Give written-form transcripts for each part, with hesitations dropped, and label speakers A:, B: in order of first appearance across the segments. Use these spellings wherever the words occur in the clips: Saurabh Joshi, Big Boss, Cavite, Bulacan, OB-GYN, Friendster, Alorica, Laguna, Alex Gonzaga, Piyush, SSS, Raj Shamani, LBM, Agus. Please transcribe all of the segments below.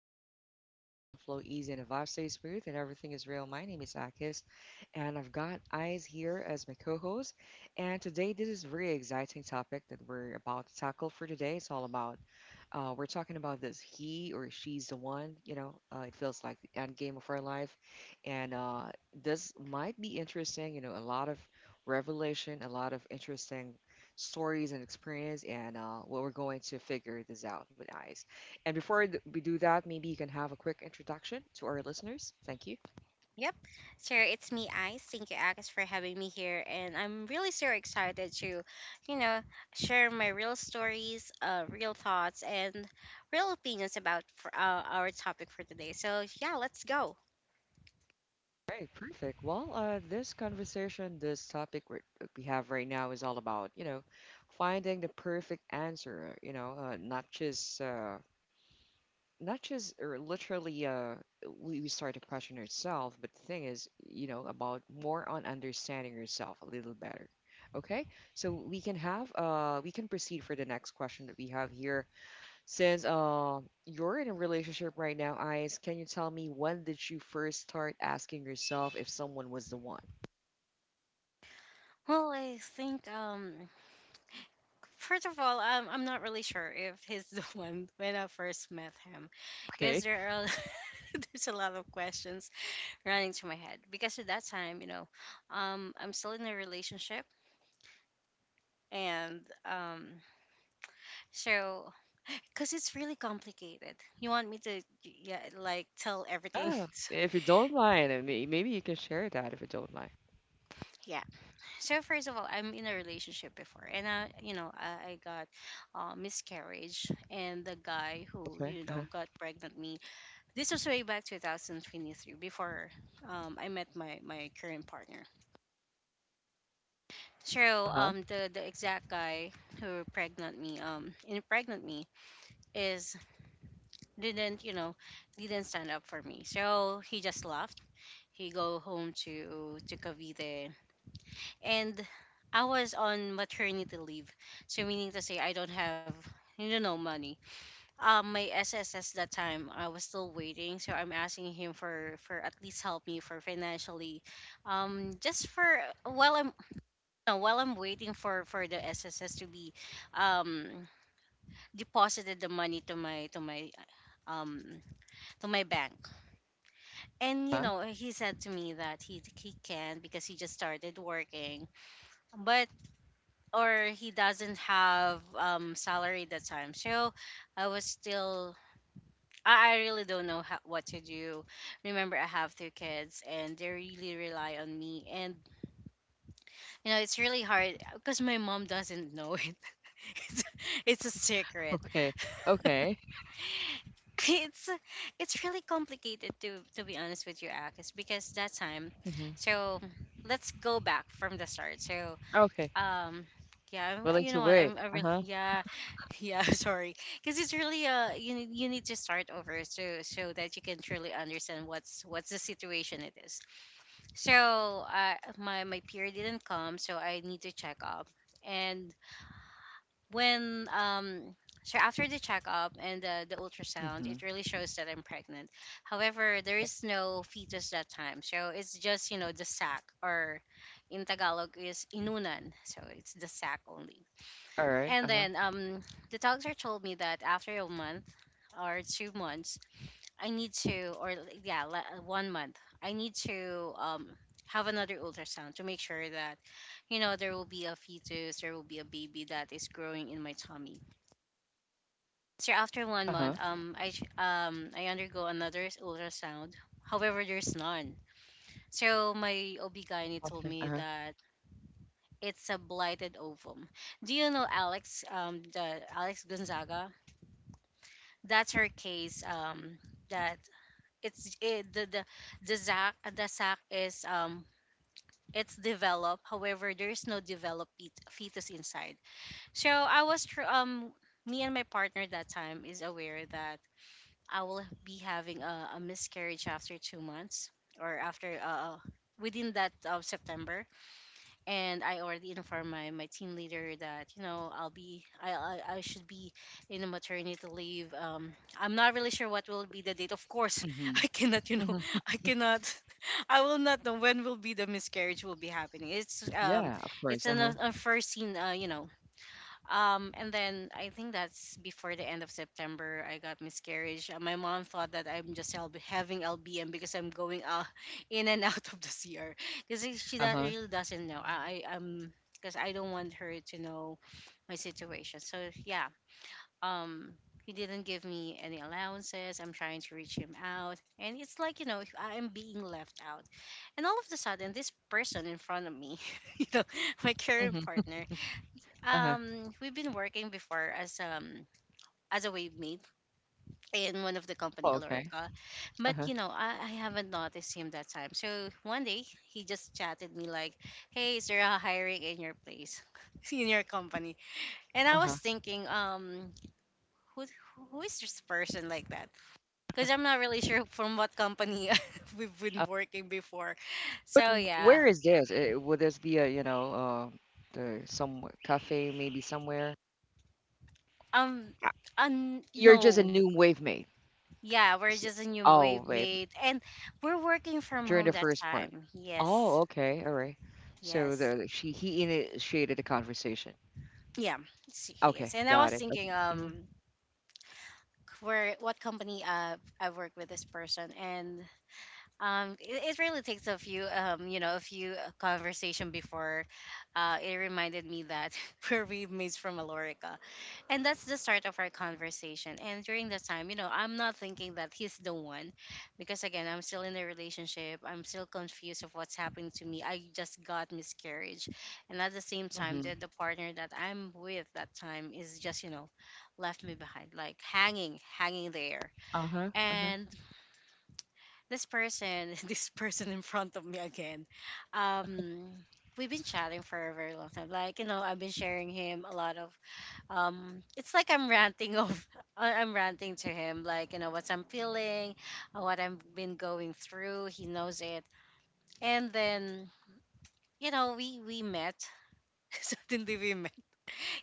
A: chill zone where conversation flow easy and the vibe stay smooth and everything is real. My name is Akis, and I've got Eyes here as my co-host. And today, this is very exciting topic that we're about to tackle for today. It's all about we're talking about this he or she's the one, it feels like the end game of our life. And This might be interesting, you know, a lot of revelation, a lot of interesting stories and experience, and well, we're going to figure this out with eyes. And before we do that, maybe you can have a quick introduction to our listeners. Thank you.
B: Yep. So it's me, Ice. Thank you, Agus, for having me here. And I'm really so excited to, you know, share my real stories, real thoughts, and real opinions about for, our topic for today. So, yeah, let's go.
A: All right, perfect. Well, this conversation, we have right now is all about, you know, finding the perfect answer, not just not just or literally we start to question ourselves, but the thing is, you know, about more on understanding yourself a little better. Okay, so we can have we can proceed for the next question that we have here, since you're in a relationship right now, Eyes. Can you tell me, when did you first start asking yourself if someone was the one?
B: Well, I think, first of all, I'm not really sure if he's the one when I first met him.
A: Okay,
B: Because there are. There's a lot of questions running through my head because at that time, you know, I'm still in a relationship and So, because it's really complicated. You want me to, yeah, like tell everything.
A: yeah,
B: So,
A: if you don't mind, and maybe you can share that if you don't mind.
B: yeah. So first of all, I'm in a relationship before, and I, you know, I got miscarriage, and the guy who,
A: Okay.
B: you
A: Uh-huh.
B: know, got pregnant me. This was way back 2023, before I met my current partner. So
A: Uh-huh.
B: the exact guy who pregnant me, impregnant me, is didn't, you know, didn't stand up for me. So he just laughed he go home to Cavite, and I was on maternity leave, so meaning to say I don't have you know no money. My SSS that time I was still waiting, so I'm asking him for at least help me for financially, just for while I'm no, while I'm waiting for the SSS to be, um, deposited the money to my to my um to my bank. And you
A: Uh-huh.
B: know, he said to me that he can because he just started working but or he doesn't have salary that time, so I was still I really don't know how, what to do. Remember, I have two kids and they really rely on me, and you know it's really hard because my mom doesn't know it. it's, it's a secret.
A: Okay. Okay.
B: it's it's really complicated to be honest with you, Akis, because that time.
A: Hmm.
B: So let's go back from the start. So
A: Okay.
B: um yeah, I'm,
A: Willing
B: you
A: to
B: know what
A: wait.
B: I'm I really,
A: Uh-huh.
B: yeah. Yeah, sorry, because it's really you, you need to start over so so that you can truly understand what's the situation it is. So my period didn't come, so I need to check up. And when so After the checkup and the ultrasound
A: Mhm.
B: it really shows that I'm pregnant. However, there is no fetus that time, so it's just you know the sac or in Tagalog is inunan. So it's the sack only.
A: Alright.
B: And
A: Uh-huh.
B: then the doctor told me that after a month or 2 months, I need to, or yeah, 1 month, I need to have another ultrasound to make sure that, you know, there will be a fetus, there will be a baby that is growing in my tummy. So after
A: Uh-huh.
B: 1 month, I undergo another ultrasound. However, there's none. So my
A: Okay.
B: OB-GYN told
A: Uh-huh.
B: me that it's a blighted ovum. Do you know Alex, the Alex Gonzaga? That's her case, that the sac, the sac is it's developed. However, there's no developed fetus inside. so i was tr- um Me and my partner that time is aware that I will be having a miscarriage after 2 months or after within that September. And I already informed my, my team leader that you know I'll be I should be in a maternity leave. I'm not really sure what will be the date. Of course,
A: Mhm.
B: I cannot you know
A: Mhm.
B: I cannot, I will not know when will be the miscarriage will be happening.
A: Yeah, of course.
B: It's an
A: Uh-huh.
B: unforeseen you know. Um, and then I think that's before the end of September, I got miscarriage. My mom thought that I'm just having LBM because I'm going out in and out of the CR because she that
A: Uh-huh.
B: really doesn't know. Because I don't want her to know my situation. So yeah, um, he didn't give me any allowances. I'm trying to reach him out, and it's like you know I'm being left out, and all of a sudden this person in front of me, you know, my current
A: Mhm.
B: partner,
A: Uh-huh.
B: we've been working before as a wave mate in one of the
A: Oh,
B: company,
A: okay.
B: Alorica, but
A: Uh-huh.
B: you know I haven't noticed him that time. So one day he just chatted me like, "Hey, is there a hiring in your place, in your company?" And I was
A: Uh-huh.
B: thinking, who who is this person like that? Because I'm not really sure from what company we've been
A: Uh,
B: working before.
A: but
B: So yeah,
A: where is this? Would this be a, you know, the some cafe maybe somewhere?
B: um,
A: Uh, You're just a
B: no.
A: new wave mate.
B: Yeah, we're
A: S-
B: just a new
A: Oh,
B: wave
A: wave
B: made, and we're working from
A: during
B: home
A: the
B: that
A: first part.
B: time. Yes,
A: Oh, okay. All right. So
B: yes,
A: the she he initiated the conversation.
B: yeah, he is.
A: Okay,
B: And I was
A: got it.
B: thinking,
A: Okay. Mm-hmm.
B: where what company I've worked with this person, and it really takes a few you know a few conversation before, it reminded me that we're wave mates from Alorica. And that's the start of our conversation. And during that time, you know, I'm not thinking that he's the one because again, I'm still in a relationship. I'm still confused of what's happening to me. I just got miscarriage. And at the same time,
A: Mm-hmm.
B: the partner that I'm with that time is just, you know, left me behind, like hanging, hanging there.
A: Uh-huh. Uh-huh.
B: And this person, this person in front of me again, um, we've been chatting for a very long time. Like, you know, I've been sharing him a lot of it's like I'm ranting of I- I'm ranting to him like you know what I'm feeling, what I've been going through, he knows it. And then you know we met, suddenly we met,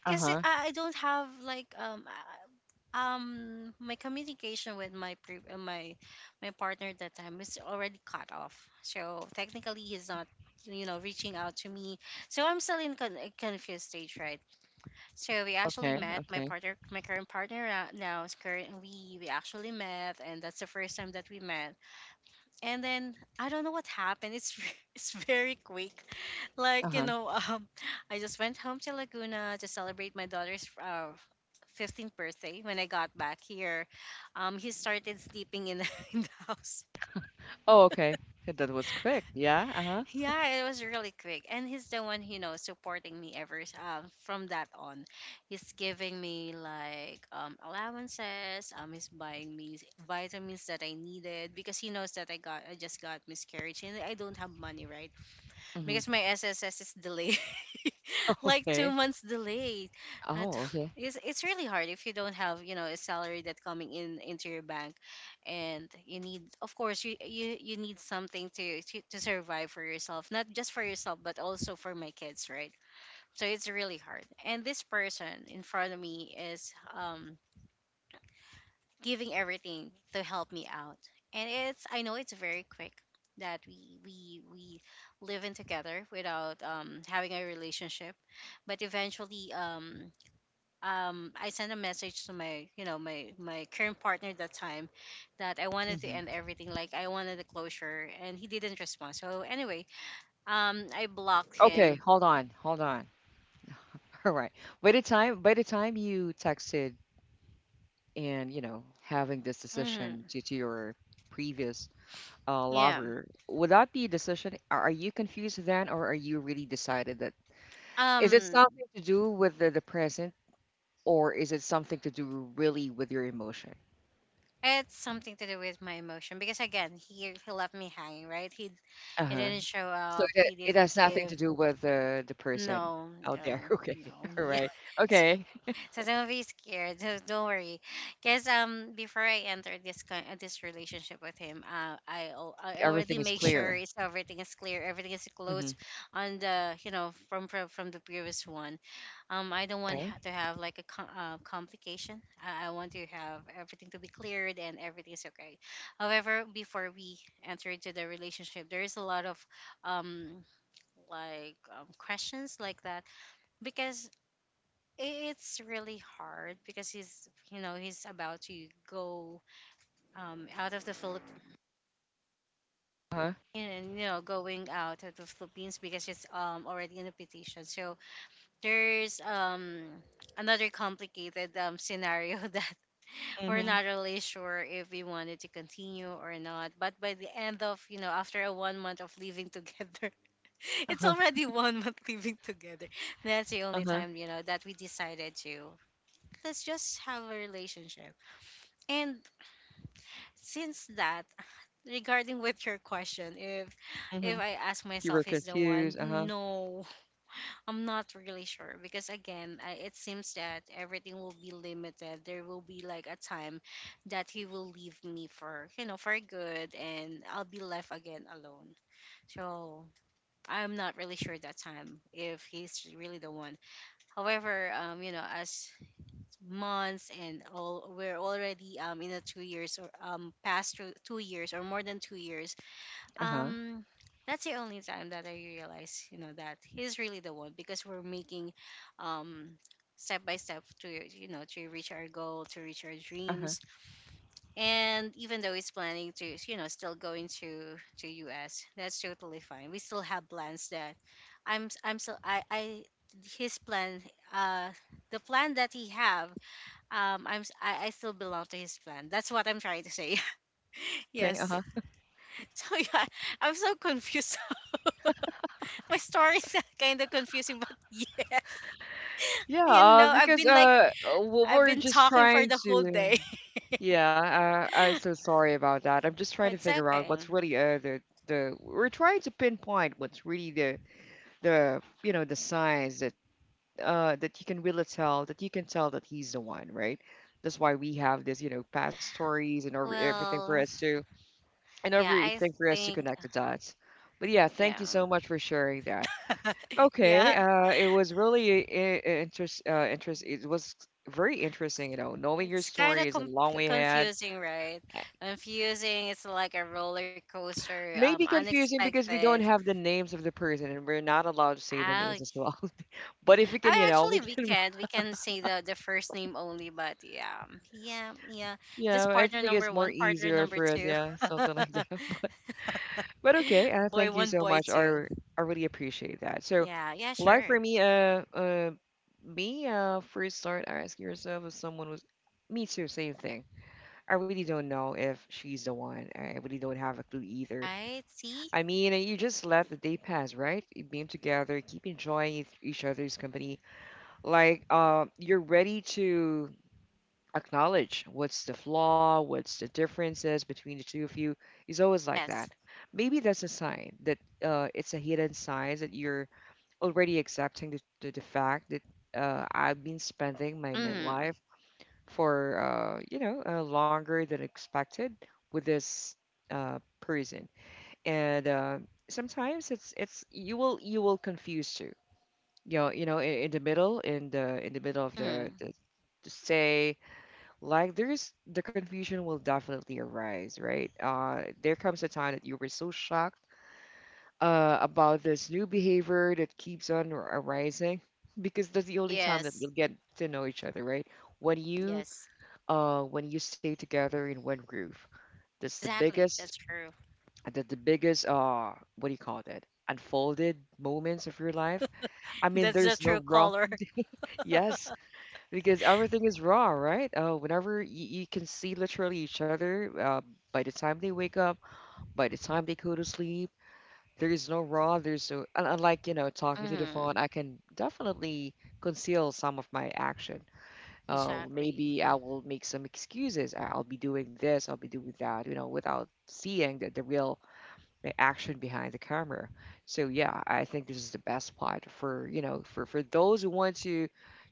B: because
A: Uh-huh.
B: I don't have like my communication with my my partner at that time is already cut off, so technically he's not you know reaching out to me. So I'm still in a confused stage, right? So we actually
A: Okay,
B: met, my
A: okay.
B: partner, my current partner now is currently, we actually met, and that's the first time that we met. And then I don't know what happened. It's it's very quick. Like you
A: Uh-huh.
B: know, I just went home to Laguna to celebrate my daughter's 15th birthday. When I got back here, he started sleeping in, in the house.
A: Oh, okay. Yeah, that was quick. Yeah, uh-huh.
B: Yeah, it was really quick, and he's the one you know supporting me from that on. He's giving me like allowances. He's buying me vitamins that I needed because he knows that I just got miscarriage and I don't have money, right?
A: Hmm.
B: Because my SSS is delayed, like two
A: Okay.
B: months delayed. That
A: Oh, okay.
B: it's really hard if you don't have you know a salary that coming in into your bank, and you need of course you need something to, to survive for yourself, not just for yourself but also for my kids, right? So it's really hard. And this person in front of me is giving everything to help me out. And it's I know it's very quick that we live in together without having a relationship. But eventually I sent a message to my you know my current partner at that time that I wanted to
A: Hmm.
B: end everything, like I wanted the closure, and he didn't respond. So anyway, I blocked
A: Okay,
B: him.
A: hold on, hold on. All right. By the time you texted and, you know, having this
B: Hmm.
A: decision to your previous
B: Yeah.
A: lover, would that be a decision? Are you confused then, or are you really decided that is it
B: Um,
A: something to do with the present, or is it something to do really with your emotion?
B: it's something to do with my emotion because again he left me hanging, right? He
A: Uh-huh.
B: didn't show
A: So
B: up.
A: that
B: He
A: it
B: didn't
A: has nothing
B: give.
A: to do with the person
B: No,
A: out there.
B: no,
A: Okay.
B: no.
A: All
B: Yeah.
A: right.
B: So
A: Okay.
B: so don't be scared. So don't worry. Cause before I entered this this relationship with him, I already
A: Everything is
B: make sure
A: clear.
B: it's everything is clear, everything is
A: Mm-hmm.
B: closed on the you know from the previous one. I don't want
A: Okay.
B: to have like a complication. I want to have everything to be cleared and everything is okay. However, before we enter into the relationship, there is a lot of um questions like that because i- it's really hard because he's you know he's about to go out of the Philippines,
A: Uh-huh.
B: and you know going out of the Philippines because it's already in a petition, so there's another complicated scenario that we're
A: Mm-hmm.
B: not really sure if we wanted to continue or not. But by the end of, you know, after a 1 month of living together, it's
A: Uh-huh.
B: already 1 month living together. That's the only
A: Uh-huh.
B: time, you know, that we decided to let's just have a relationship. And since that, regarding with your question, if
A: Mm-hmm.
B: if I ask
A: You were
B: myself is the one,
A: confused. Uh-huh.
B: no. I'm not really sure because again, it seems that everything will be limited. There will be like a time that he will leave me for, you know, for good and I'll be left again alone. So, I'm not really sure that time if he's really the one. However, you know, as months and all we're already in a 2 years or 2 years or more than 2 years
A: Uh-huh.
B: um, that's the only time that I realize, you know, that he's really the one because we're making, um, step by step to, you know, to reach our goal, to reach our
A: Uh-huh.
B: dreams. And even though he's planning to, you know, still going to US, that's totally fine. We still have plans that I'm still I his plan uh the plan that he have, I still belong to his plan, that's what I'm trying to say,
A: Okay.
B: yes.
A: Uh-huh.
B: so yeah, I'm so confused. My story's kind of confusing, but yes.
A: Yeah,
B: You
A: uh,
B: know, I've
A: because
B: been like,
A: uh uh,
B: I've
A: we're
B: been
A: just
B: talking for
A: trying
B: the whole
A: to
B: day.
A: yeah, I'm so sorry about that. I'm just trying to
B: It's
A: figure out
B: okay.
A: what's really the we're trying to pinpoint what's really the you know the signs that that you can really tell that you can tell that he's the one, right? That's why we have this, you know, past stories and everything for
B: Well,
A: us to and
B: yeah, I
A: everything for us to
B: think,
A: connect the dots. But yeah,
B: yeah.
A: thank you so much for sharing that. Okay,
B: Yeah,
A: it was really interest, interest. It was very interesting, you know, knowing your
B: it's kind
A: story
B: of
A: is a
B: com-
A: long way ahead.
B: confusing, right? Confusing. It's like a roller coaster.
A: Maybe confusing because we
B: Unexpected.
A: don't have the names of the person and we're not allowed to say the
B: Oh,
A: names as well. But if we can,
B: I
A: you know,
B: actually
A: we
B: we
A: can,
B: can't we can say the first name only, but yeah, yeah, yeah.
A: you
B: Just
A: know, I
B: partner
A: think it's
B: number
A: more
B: one, partner
A: easier
B: number
A: for us,
B: two.
A: yeah, something like that. But okay,
B: boy
A: thank you
B: one,
A: so
B: boy
A: much.
B: two.
A: I really appreciate that. So,
B: Yeah, yeah,
A: like
B: sure.
A: for me, me, first start ask yourself if someone was. Me too, same thing. I really don't know if she's the one. I really don't have a clue either.
B: Right? See?
A: I mean, you just let the day pass, right? You being together, keep enjoying each other's company. Like, you're ready to acknowledge what's the flaw, what's the differences between the two of you. It's always like
B: Yes.
A: that. Maybe that's a sign that it's a hidden sign that you're already accepting the fact that I've been spending my
B: Mm-hmm.
A: midlife for longer than expected with this person, and sometimes it's you will confuse too. You know, in the middle of
B: Mm-hmm.
A: the to say like there's the confusion will definitely arise, right? There comes a time that you were so shocked about this new behavior that keeps on arising, because that's the only time that
B: Yes.
A: we'll get to know each other, right? When you
B: Yes.
A: when you stay together in one group, that's the
B: Exactly.
A: biggest
B: That's true.
A: that the biggest uh what do you call that unfolded moments of your life. I mean
B: That's the
A: there's no
B: true
A: wrong.
B: color.
A: Yes. Because everything is raw, right? Whenever you, you can see literally each other, by the time they wake up, by the time they go to sleep, there is no raw. There's no, unlike, you know, talking to the phone, I
B: Mm-hmm.
A: can definitely conceal some of my action.
B: Exactly.
A: Maybe I will make some excuses. I'll be doing this, I'll be doing that, you know, without seeing the real the action behind the camera. So yeah, I think this is the best part for you know for those who want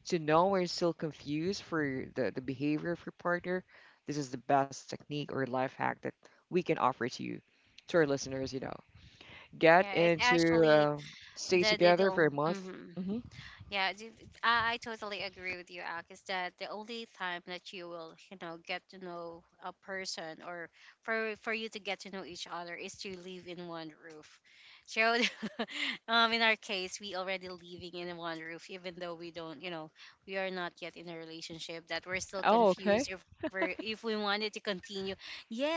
A: to know and still confused for the behavior of your partner. This is the best technique or life hack that we can offer to you, to our listeners. You know, get
B: Yeah, it's
A: into
B: actually
A: stay
B: the they
A: together
B: do.
A: for a month.
B: Mm-hmm.
A: Hmm.
B: Yeah, I totally agree with you, Ak, is that the only time that you will, you know, get to know a person, or for you to get to know each other is to live in one roof. So in our case we already living in one roof even though we don't, you know, we are not yet in a relationship, that we're still
A: Oh,
B: confused
A: okay,
B: if we are, if we wanted to continue.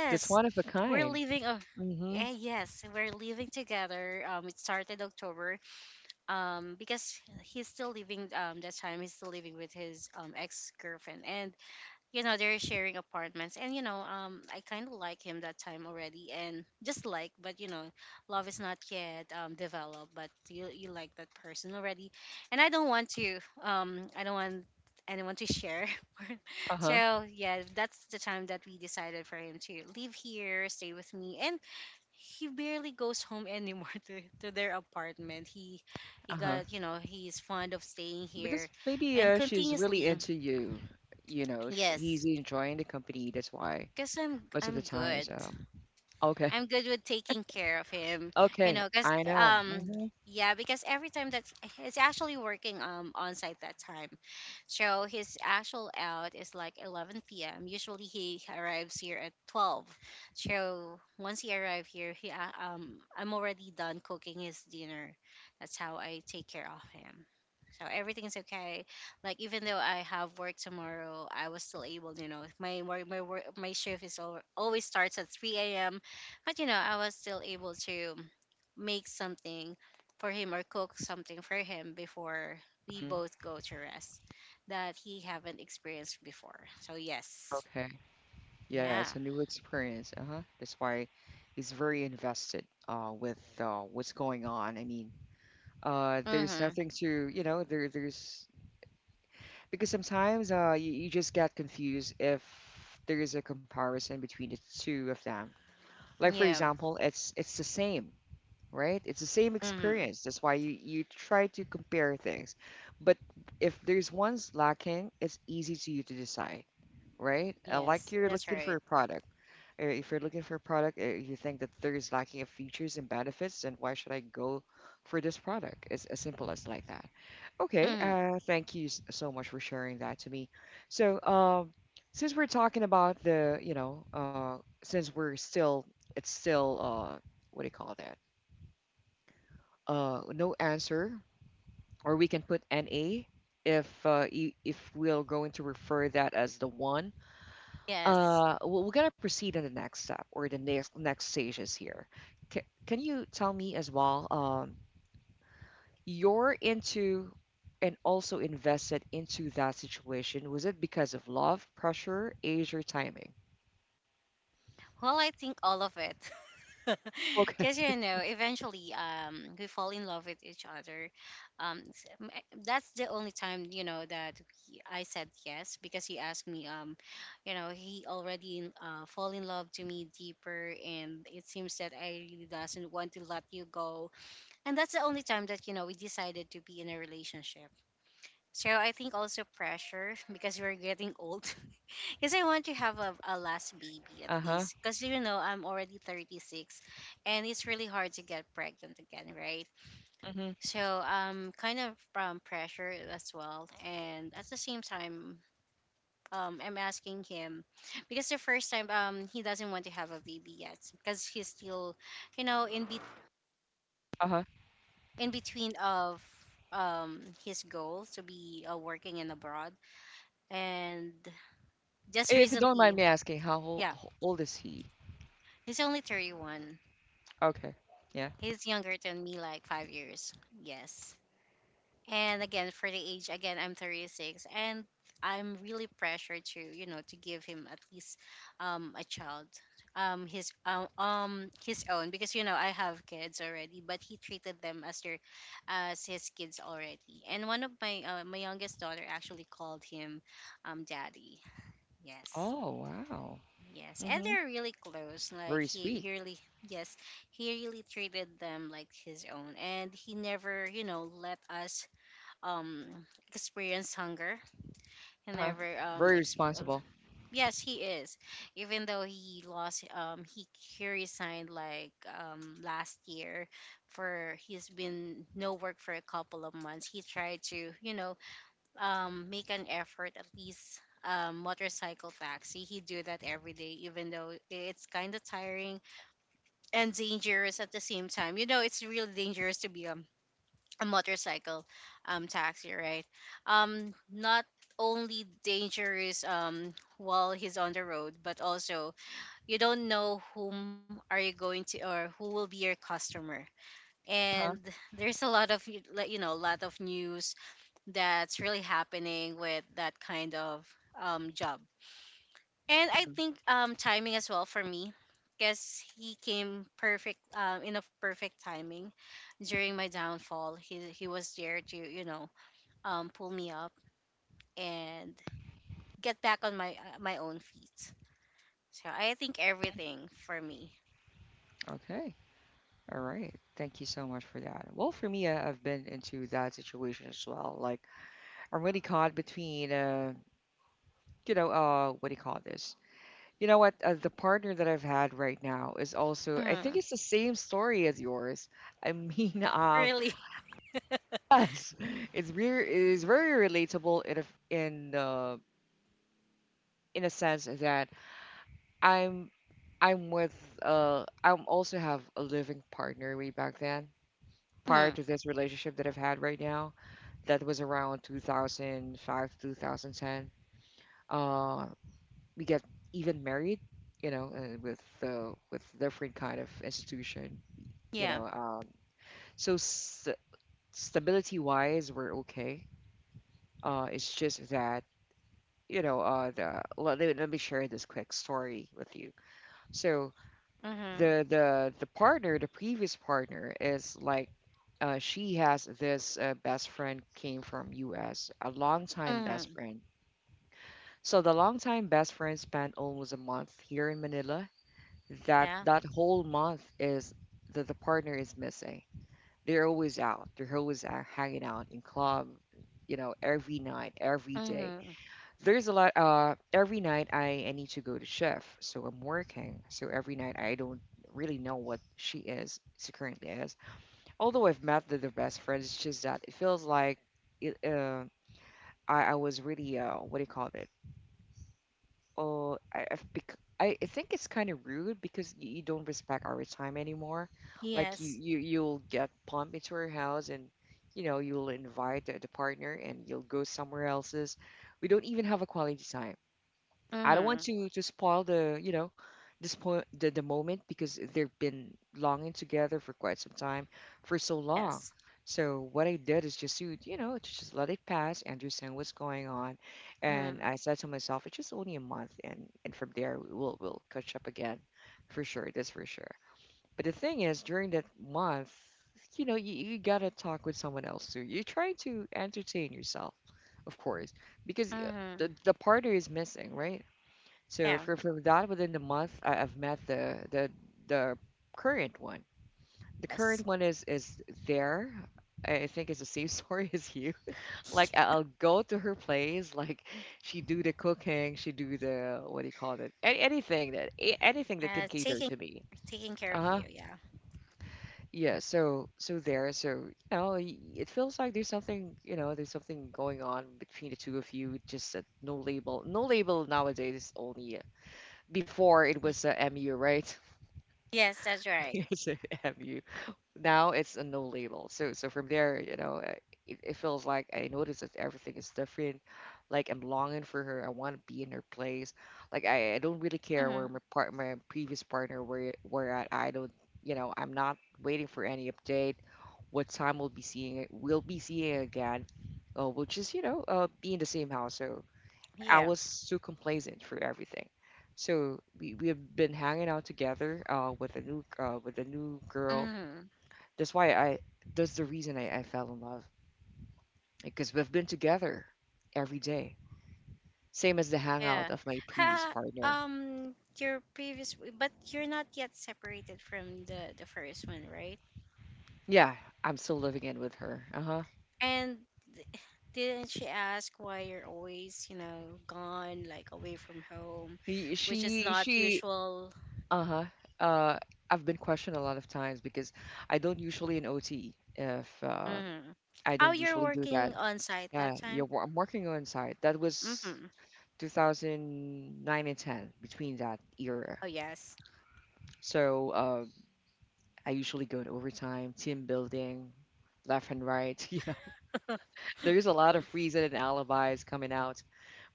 A: that's one of a
B: we're
A: kind.
B: living a
A: Mm-hmm.
B: Eh, yes, we're living together. It started October, because he's still living with his ex-girlfriend, and you know they're sharing apartments, and you know, I kind of like him that time already, and just like, but you know love is not yet developed, but you like that person already, and I don't want anyone to share.
A: Uh huh.
B: so yeah, that's the time that we decided for him to leave here, stay with me, and he barely goes home anymore to their apartment. He
A: Uh huh.
B: got you know he's fond of staying here,
A: Because maybe
B: and
A: she's really
B: continuously
A: into you. You know, sh he's
B: yes,
A: enjoying the company. That's why.
B: cause
A: Most of the
B: I'm
A: time.
B: good.
A: So okay,
B: I'm good with taking care of him, you
A: okay,
B: know, because
A: I know. Hmm.
B: yeah, because every time that he's actually working on site that time, so his actual out is like 11 p.m. Usually he arrives here at 12. So once he arrives here, he I'm already done cooking his dinner. That's how I take care of him. So everything's okay. Like even though I have work tomorrow, I was still able. You know, my work, my shift is over, always starts at 3 a.m. But you know, I was still able to make something for him, or cook something for him before we
A: Hmm.
B: both go to rest that he haven't experienced before. So yes.
A: Okay, yeah, it's a
B: Yeah.
A: new experience. Uh huh. That's why he's very invested with what's going on. I mean, there's
B: Mhm.
A: nothing to you know there there's because sometimes you, you just get confused if there is a comparison between the two of them. Like for
B: Yeah.
A: example, it's the same, right? It's the same
B: Mhm.
A: experience. That's why you, you try to compare things. But if there's one's lacking, it's easy to you to decide, right? Like
B: Yes,
A: you're
B: that's
A: looking for a
B: right.
A: product. Or if you're looking for a product, you think that there is lacking of features and benefits, then why should I go for this product? It's as simple as like that. Okay,
B: Mhm.
A: thank you so much for sharing that to me. So, since we're talking about the, you know, since we're still, it's still, what do you call that? No answer, or we can put NA if if we're going to refer that as the one.
B: Yes.
A: We're gonna proceed in the next step or the next next stages here. Ca can you tell me as well? You're into and also invested into that situation. Was it because of love, pressure, age, or timing?
B: Well, I think all of it.
A: Okay.
B: Because you know, eventually, we fall in love with each other. That's the only time, you know, that I said yes because he asked me. You know, he already fall in love to me deeper, and it seems that I really doesn't want to let you go. And that's the only time that, you know, we decided to be in a relationship. So I think also pressure because we're getting old. Because I want to have a last baby at
A: Uh-huh.
B: least. Because, you know, I'm already 36 and it's really hard to get pregnant again, right?
A: Mm-hmm.
B: So kind of pressure as well. And at the same time, I'm asking him because the first time, he doesn't want to have a baby yet because he's still, you know,
A: Uh-huh.
B: in between of his goal to be, working and abroad. And just
A: If you don't mind
B: recently,
A: me asking,
B: yeah,
A: old is he?
B: he's only 31.
A: Okay. Yeah.
B: He's younger than me, like 5 years. Yes. And again, for the age, again, I'm 36, and I'm really pressured to, you know, to give him at least a child, his own, because you know I have kids already, but he treated them as their as his kids already. And one of my my youngest daughter actually called him daddy. Yes.
A: Oh, wow.
B: Yes, and
A: Mm-hmm.
B: they're really close. Like
A: Very sweet.
B: he really, yes, he really treated them like his own, and he never, you know, let us um experience hunger. He
A: Huh?
B: never
A: Very
B: exp-
A: responsible.
B: yes, he is. Even though he resigned like last year, for he's been no work for a couple of months. He tried to, you know, make an effort at least motorcycle taxi. He do that every day, even though it's kind of tiring and dangerous at the same time. You know, it's really dangerous to be a motorcycle taxi, right? Not only dangerous while he's on the road, but also you don't know whom are you going to, or who will be your customer.
A: Huh?
B: And there's a lot of you like, you know, a lot of news that's really happening with that kind of job. And I think timing as well for me, because he came perfect in a perfect timing during my downfall. He was there to, you know, pull me up and get back on my my own feet. So I think everything for me.
A: Okay. All right. Thank you so much for that. Well, for me, I've been into that situation as well. Like, I'm really caught between, you know, what do you call this? You know what? The partner that I've had right now is also, I think
B: Mm,
A: it's the same story as yours. I mean,
B: really.
A: yes, it's very, it's very relatable in a, in, in a sense that I'm I'm with I'm also have a living partner way back then. Prior
B: Mm,
A: to this relationship that I've had right now, that was around 2005 to 2010. Uh, we get even married, you know, with different kind of institution, you
B: yeah.
A: know. So s stability wise, we're okay. It's just that you know, the let, let me share this quick story with you. So
B: Mm-hmm.
A: the partner, the previous partner, is like she has this best friend came from US, a longtime best
B: Mm-hmm.
A: friend. So the longtime best friend spent almost a month here in Manila. That
B: Yeah.
A: that whole month is that the partner is missing. They're always out. They're always out, hanging out in club, every night, every day
B: Mm-hmm.
A: there's a lot every night I need to go to shift, so I'm working, so every night I don't really know what she currently is. Although I've met the best friends, it's just that it feels like it, uh, I was really what do you call it, oh I, I've bec- I think it's kind of rude because you don't respect our time anymore. Like you,
B: Yes.
A: you you'll get pumped into her house and you know you'll invite the partner and you'll go somewhere else's. We don't even have a quality time. I don't
B: Mm-hmm.
A: want to spoil the this point, the moment, because they've been longing together for quite some time, for so long.
B: Yes.
A: So what I did is just to, you know, to just let it pass, understand what's going on, and
B: Mm-hmm.
A: I said to myself, it's just only a month, and from there we'll catch up again, for sure. That's for sure. But the thing is, during that month, you know, you gotta talk with someone else too. You're trying to entertain yourself, of course, because
B: Mm-hmm.
A: the partner is missing, right? So
B: Yeah.
A: for from that within a month, I've met the current one. The
B: Yes.
A: current one is there. I think it's the same story as you. Like I'll go to her place, like she do the cooking, she do the what do you call it? Anything that anything that can cater
B: Taking,
A: to me.
B: taking care of
A: Uh-huh.
B: you. Yeah.
A: Yeah, so so there, so you know, it feels like there's something, you know, there's something going on between the two of you. Just no label, no label nowadays. Is Only before it was MU, right?
B: Yes, that's right.
A: Yes, I have you. Now it's a no label. So so from there, you know, it feels like I notice that everything is different. Like I'm longing for her. I want to be in her place. Like I don't really care where
B: Hmm.
A: my previous partner were at. I don't, you know, I'm not waiting for any update. What time we'll be seeing it? We'll be seeing again. We'll just, you know, be in the same house. So I
B: Yeah.
A: was too complacent through everything. So we have been hanging out together with a new girl.
B: Hmm.
A: That's why I that's the reason I fell in love, because we've been together every day. Same as the
B: Yeah.
A: hangout of my previous
B: Ha,
A: partner.
B: your previous, but you're not yet separated from the first one, right?
A: Yeah, I'm still living in with her. Uh-huh.
B: And th- didn't she ask why you're always, you know, gone, like away from home,
A: He,
B: which is not
A: she
B: usual.
A: uh-huh. Uh I've been questioned a lot of times because I don't usually in OT if
B: Hmm.
A: I
B: Oh,
A: don't
B: you're
A: usually do that.
B: working on site
A: Yeah,
B: that
A: yeah,
B: time.
A: I'm working on site. That was
B: Hmm.
A: 2009 and 10, between that era.
B: Oh, yes.
A: So I usually go in overtime, team building, left and right. You know, there's a lot of reason and alibis coming out,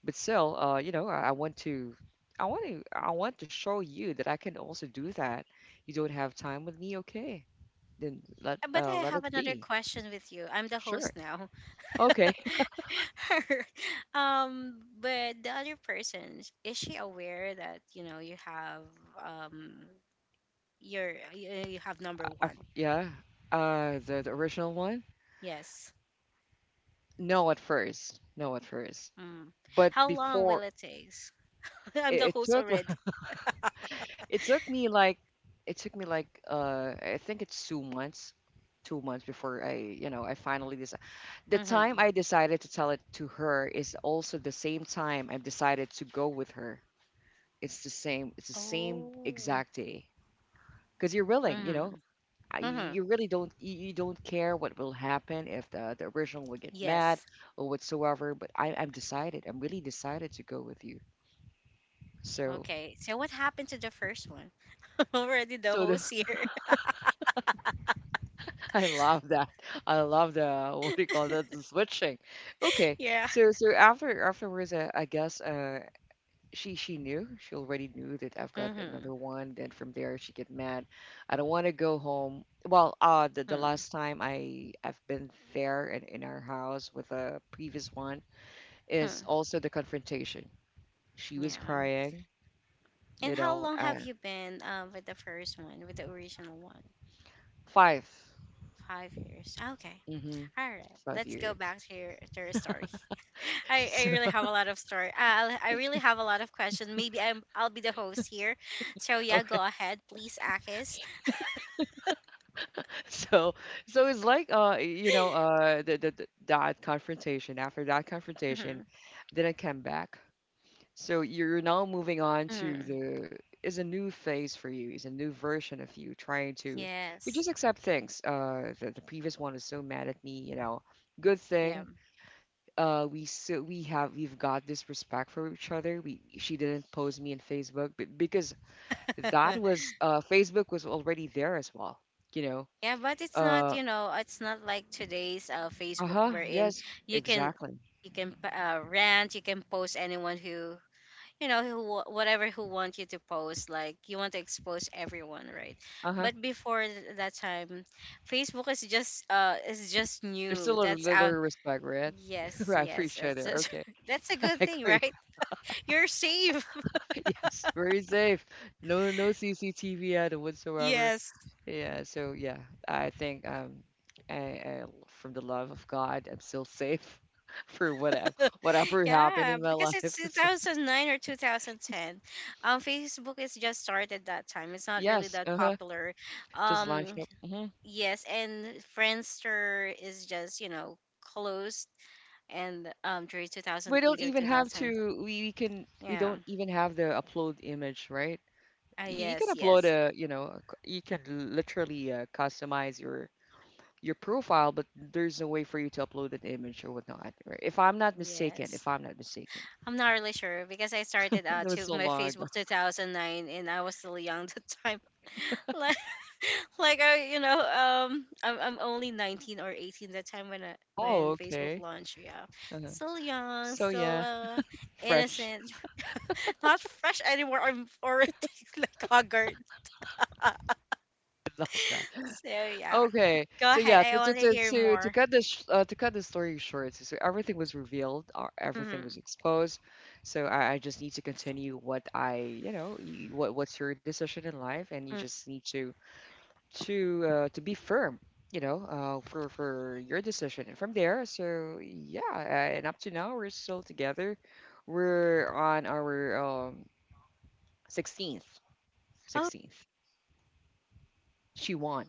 A: but still, you know, I want to. I want to show you that I can also do that. You don't have time with me, okay? Then let,
B: but I
A: let
B: have
A: it
B: another
A: be.
B: question with you. I'm the
A: Sure.
B: host now.
A: Okay.
B: But the other person, is she aware that, you know, you have um you, you have number
A: I,
B: one?
A: yeah. The original one?
B: Yes.
A: No at first. No at first.
B: Mm.
A: But
B: How long will
A: before
B: it take? I'm the
A: it
B: host
A: took
B: already.
A: it took me like I think it's 2 months, 2 months before I you know I finally decided. The
B: Mm-hmm.
A: time I decided to tell it to her is also the same time I've decided to go with her. It's the same. It's the same
B: Oh.
A: exact day, because you're willing. You know,
B: Mm-hmm. Mm-hmm.
A: you really don't, you don't care what will happen if the the original will get mad
B: Yes.
A: or whatsoever. But I'm decided. I'm really decided to go with you. So
B: Okay. So what happened to the first one? already the
A: so the
B: host here.
A: I love that. I love the what do you call that? The switching. Okay.
B: yeah.
A: So so afterwards, I guess she already knew that I've got another
B: Mm-hmm.
A: one. Then from there she get mad. I don't want to go home. Well, the
B: Mm-hmm.
A: last time I've been there in our house with a previous one is
B: Mm-hmm.
A: also the confrontation. She was
B: Yeah.
A: crying,
B: And
A: you
B: how
A: know,
B: long have you been with the first one, with the original one?
A: five.
B: 5 years. Okay.
A: Mm-hmm.
B: All right.
A: Five
B: Let's go
A: years.
B: back to your story. I
A: So
B: really have a lot of story. I really have a lot of questions. Maybe I'll be the host here. So yeah,
A: okay.
B: go ahead, please, Akis.
A: So, so it's like you know, the that confrontation. After that confrontation,
B: Mm-hmm.
A: then I came back. So you're now moving on to
B: Mm,
A: the is a new phase for you, is a new version of you trying to you
B: yes.
A: just accept things. The previous one was so mad at me, you know. Good
B: Yeah.
A: thing. We we have we've got this respect for each other. We she didn't post me in Facebook, but because that
B: yeah,
A: was Facebook was already there as well, you know.
B: but it's not,
A: Uh,
B: you know, it's not like today's Facebook
A: Uh-huh,
B: wherein
A: yes,
B: you can,
A: exactly.
B: you can rant, you can post anyone who, you know, who whatever who want you to post, like you want to expose everyone, right?
A: Uh-huh.
B: But before that time, Facebook is just
A: There's
B: new,
A: still a
B: that's
A: little
B: our
A: respect, right?
B: yes,
A: I
B: yes,
A: appreciate it.
B: that's
A: Okay,
B: that's a
A: I
B: good thing,
A: agree.
B: right? You're safe.
A: Yes, very safe. No, no CCTV at it whatsoever.
B: yes.
A: Yeah, so yeah, I think from the love of God, I'm still safe for whatever happened
B: Yeah,
A: in my
B: because
A: life.
B: it's
A: So
B: 2009 or 2010, Facebook is just started that time, it's not really
A: yes,
B: that
A: uh-huh,
B: popular.
A: just launch
B: um
A: up. Hmm.
B: yes, and Friendster is just, you know, closed, and during
A: We don't
B: 2008 or
A: even have
B: 2000,
A: to. We can. We
B: yeah,
A: don't even have the upload image, right? You can
B: yes,
A: upload
B: yes.
A: a you know a you can literally customize your profile, but there's no way for you to upload an image or whatnot, right? If
B: Yes,
A: I'm not mistaken.
B: I'm not really sure because I started
A: That was
B: to
A: so
B: my
A: long ago.
B: Facebook 2009, and I was still young that time. like like i, you know, I'm only 19 or 18 that time when
A: Oh,
B: when Facebook
A: okay.
B: launched, yeah.
A: Uh-huh.
B: Still young,
A: So
B: still
A: yeah. Fresh.
B: innocent. not fresh anymore, I'm already like haggard.
A: I love that.
B: so yeah,
A: Okay,
B: go
A: so
B: ahead,
A: yeah,
B: I want to hear
A: to
B: more.
A: cut this to cut the story short, so so everything was revealed, or everything was
B: Hmm.
A: exposed. So I just need to continue what I you know what's your decision in life, and you just need to to be firm, you know, for your decision. And from there, so yeah, and up to now, we're still together. We're on our um, 16th,
B: Oh,
A: 16th. She won.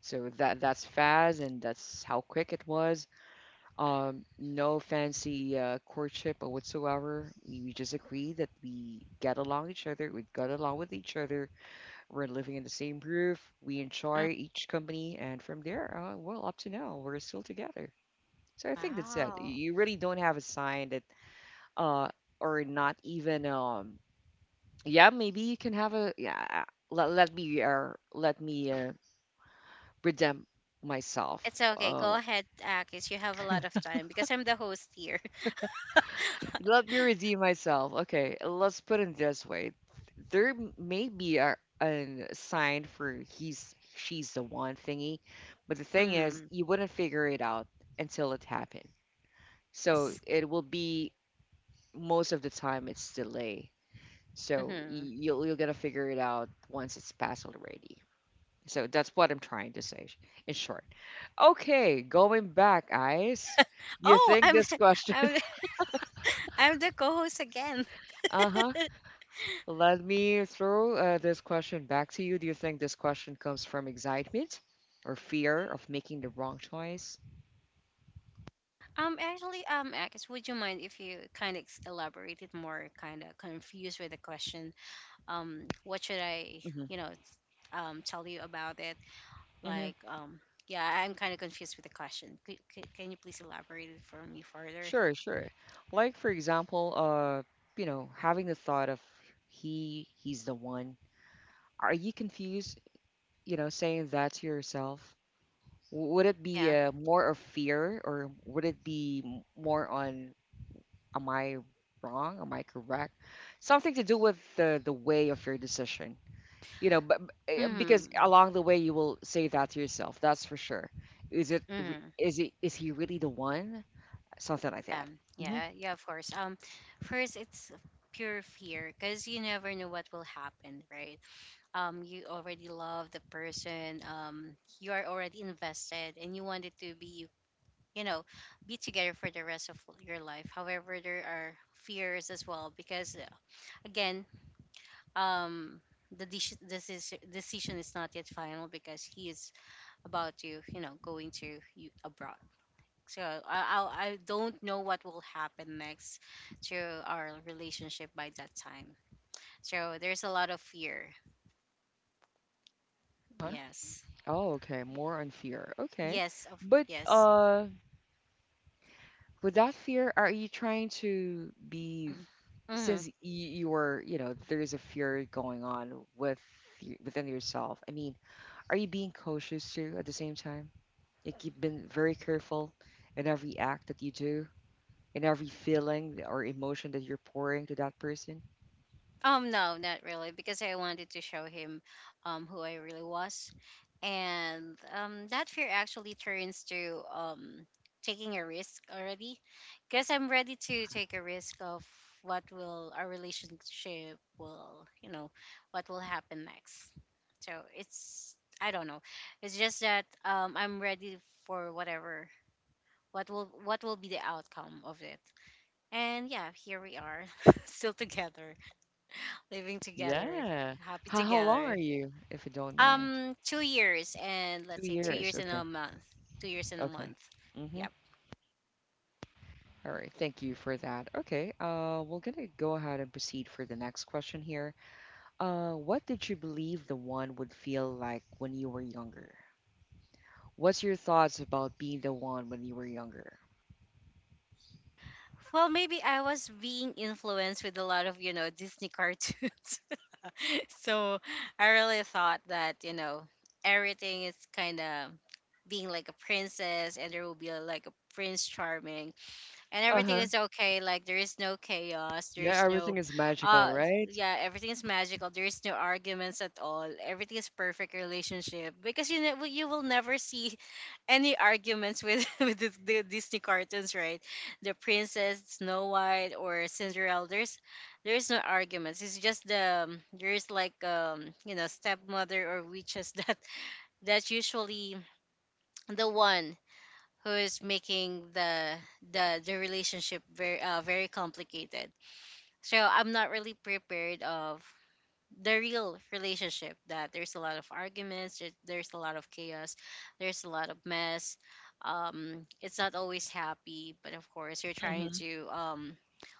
A: So that that's fast, and that's how quick it was. No fancy courtship or whatsoever. We just agreed that we get along each other, we got along with each other. We're living in the same roof. We enjoy each company, and from there, well, up to now, we're still together. So I think that's it.
B: wow.
A: You really don't have a sign that, uh, or not even, yeah, maybe you can have a, yeah, let me, redeem myself.
B: It's okay. Go ahead, Akis. You have a lot of time because I'm the host here.
A: Let me redeem myself. Okay, let's put it this way. There may be a sign for he's she's the one thingy, but the thing is,
B: hmm.
A: you wouldn't figure it out until it happened. So
B: Yes.
A: it will be most of the time it's delay. So
B: Hmm.
A: you're gonna figure it out once it's passed already. So that's what I'm trying to say in short. Okay, going back, Ice. You
B: Oh,
A: think
B: I'm,
A: this question?
B: I'm, I'm the co-host again.
A: Uh-huh. Let me throw, this question back to you. Do you think this question comes from excitement or fear of making the wrong choice?
B: Actually, Akis, would you mind if you kind of elaborated more? Kind of confused with the question. What should I,
A: Hmm.
B: you know, tell you about it?
A: Hmm.
B: Like, yeah, I'm kind of confused with the question. Can you please elaborate it for me further?
A: Sure, sure. Like for example, you know, having the thought of he's the one. Are you confused? You know, saying that to yourself. W- Would it be
B: Yeah.
A: more of fear, or would it be more on, am I wrong? Am I correct? Something to do with the way of your decision, you know, but,
B: Hmm.
A: because along the way you will say that to yourself, that's for sure. Is it, is he really the one, something like that?
B: Um,
A: Hmm.
B: yeah, yeah, of course. First, it's pure fear because you never know what will happen, right? You already love the person. You are already invested, and you wanted to you know, be together for the rest of your life. However, there are fears as well because, again, um. The deci- this is decision is not yet final because he is about to, going to you abroad. So I I'll, I do not know what will happen next to our relationship by that time. So there's a lot of fear.
A: Huh?
B: Yes.
A: Oh, okay, more on fear, okay.
B: Yes. Of
A: But
B: yes.
A: with that fear are you trying to be,
B: Mm-hmm.
A: since you're, you know, there's a fear going on with within yourself, I mean, are you being cautious too at the same time, like you've been very careful in every act that you do, in every feeling or emotion that you're pouring to that person?
B: No, not really, because I wanted to show him who I really was. And that fear actually turns to taking a risk already. Because I'm ready to take a risk of what will our relationship, what will happen next. So it's I don't know. It's just that I'm ready for whatever what will be the outcome of it. And yeah, here we are, still together living together,
A: Yeah.
B: happy
A: How long are
B: together.
A: you, if you don't mind?
B: 2 years and
A: Two
B: let's say two
A: years.
B: years and a
A: Okay.
B: month. 2 years and a
A: Okay.
B: month.
A: Mm-hmm.
B: Yep.
A: All right. Thank you for that. Okay. We're gonna go ahead and proceed for the next question here. What did you believe the one would feel like when you were younger? What's your thoughts about being the one when you were younger?
B: Well, maybe I was being influenced with a lot of Disney cartoons, so I really thought that everything is kind of being like a princess, and there will be like a prince charming, and everything
A: Uh-huh.
B: is okay. Like there is no chaos, there
A: Yeah,
B: is
A: everything
B: no
A: is magical,
B: uh
A: right?
B: yeah, everything is magical. There is no arguments at all, everything is perfect relationship because you know you will never see any arguments with with the Disney cartoons, right? The princess Snow White or Cinderella, there's no arguments. It's just the there's like you know, stepmother or witches that that's usually the one who is making the relationship very very complicated. So I'm not really prepared of the real relationship that there's a lot of arguments, there's a lot of chaos, there's a lot of mess. It's not always happy, but of course you're trying
A: Mm-hmm.
B: to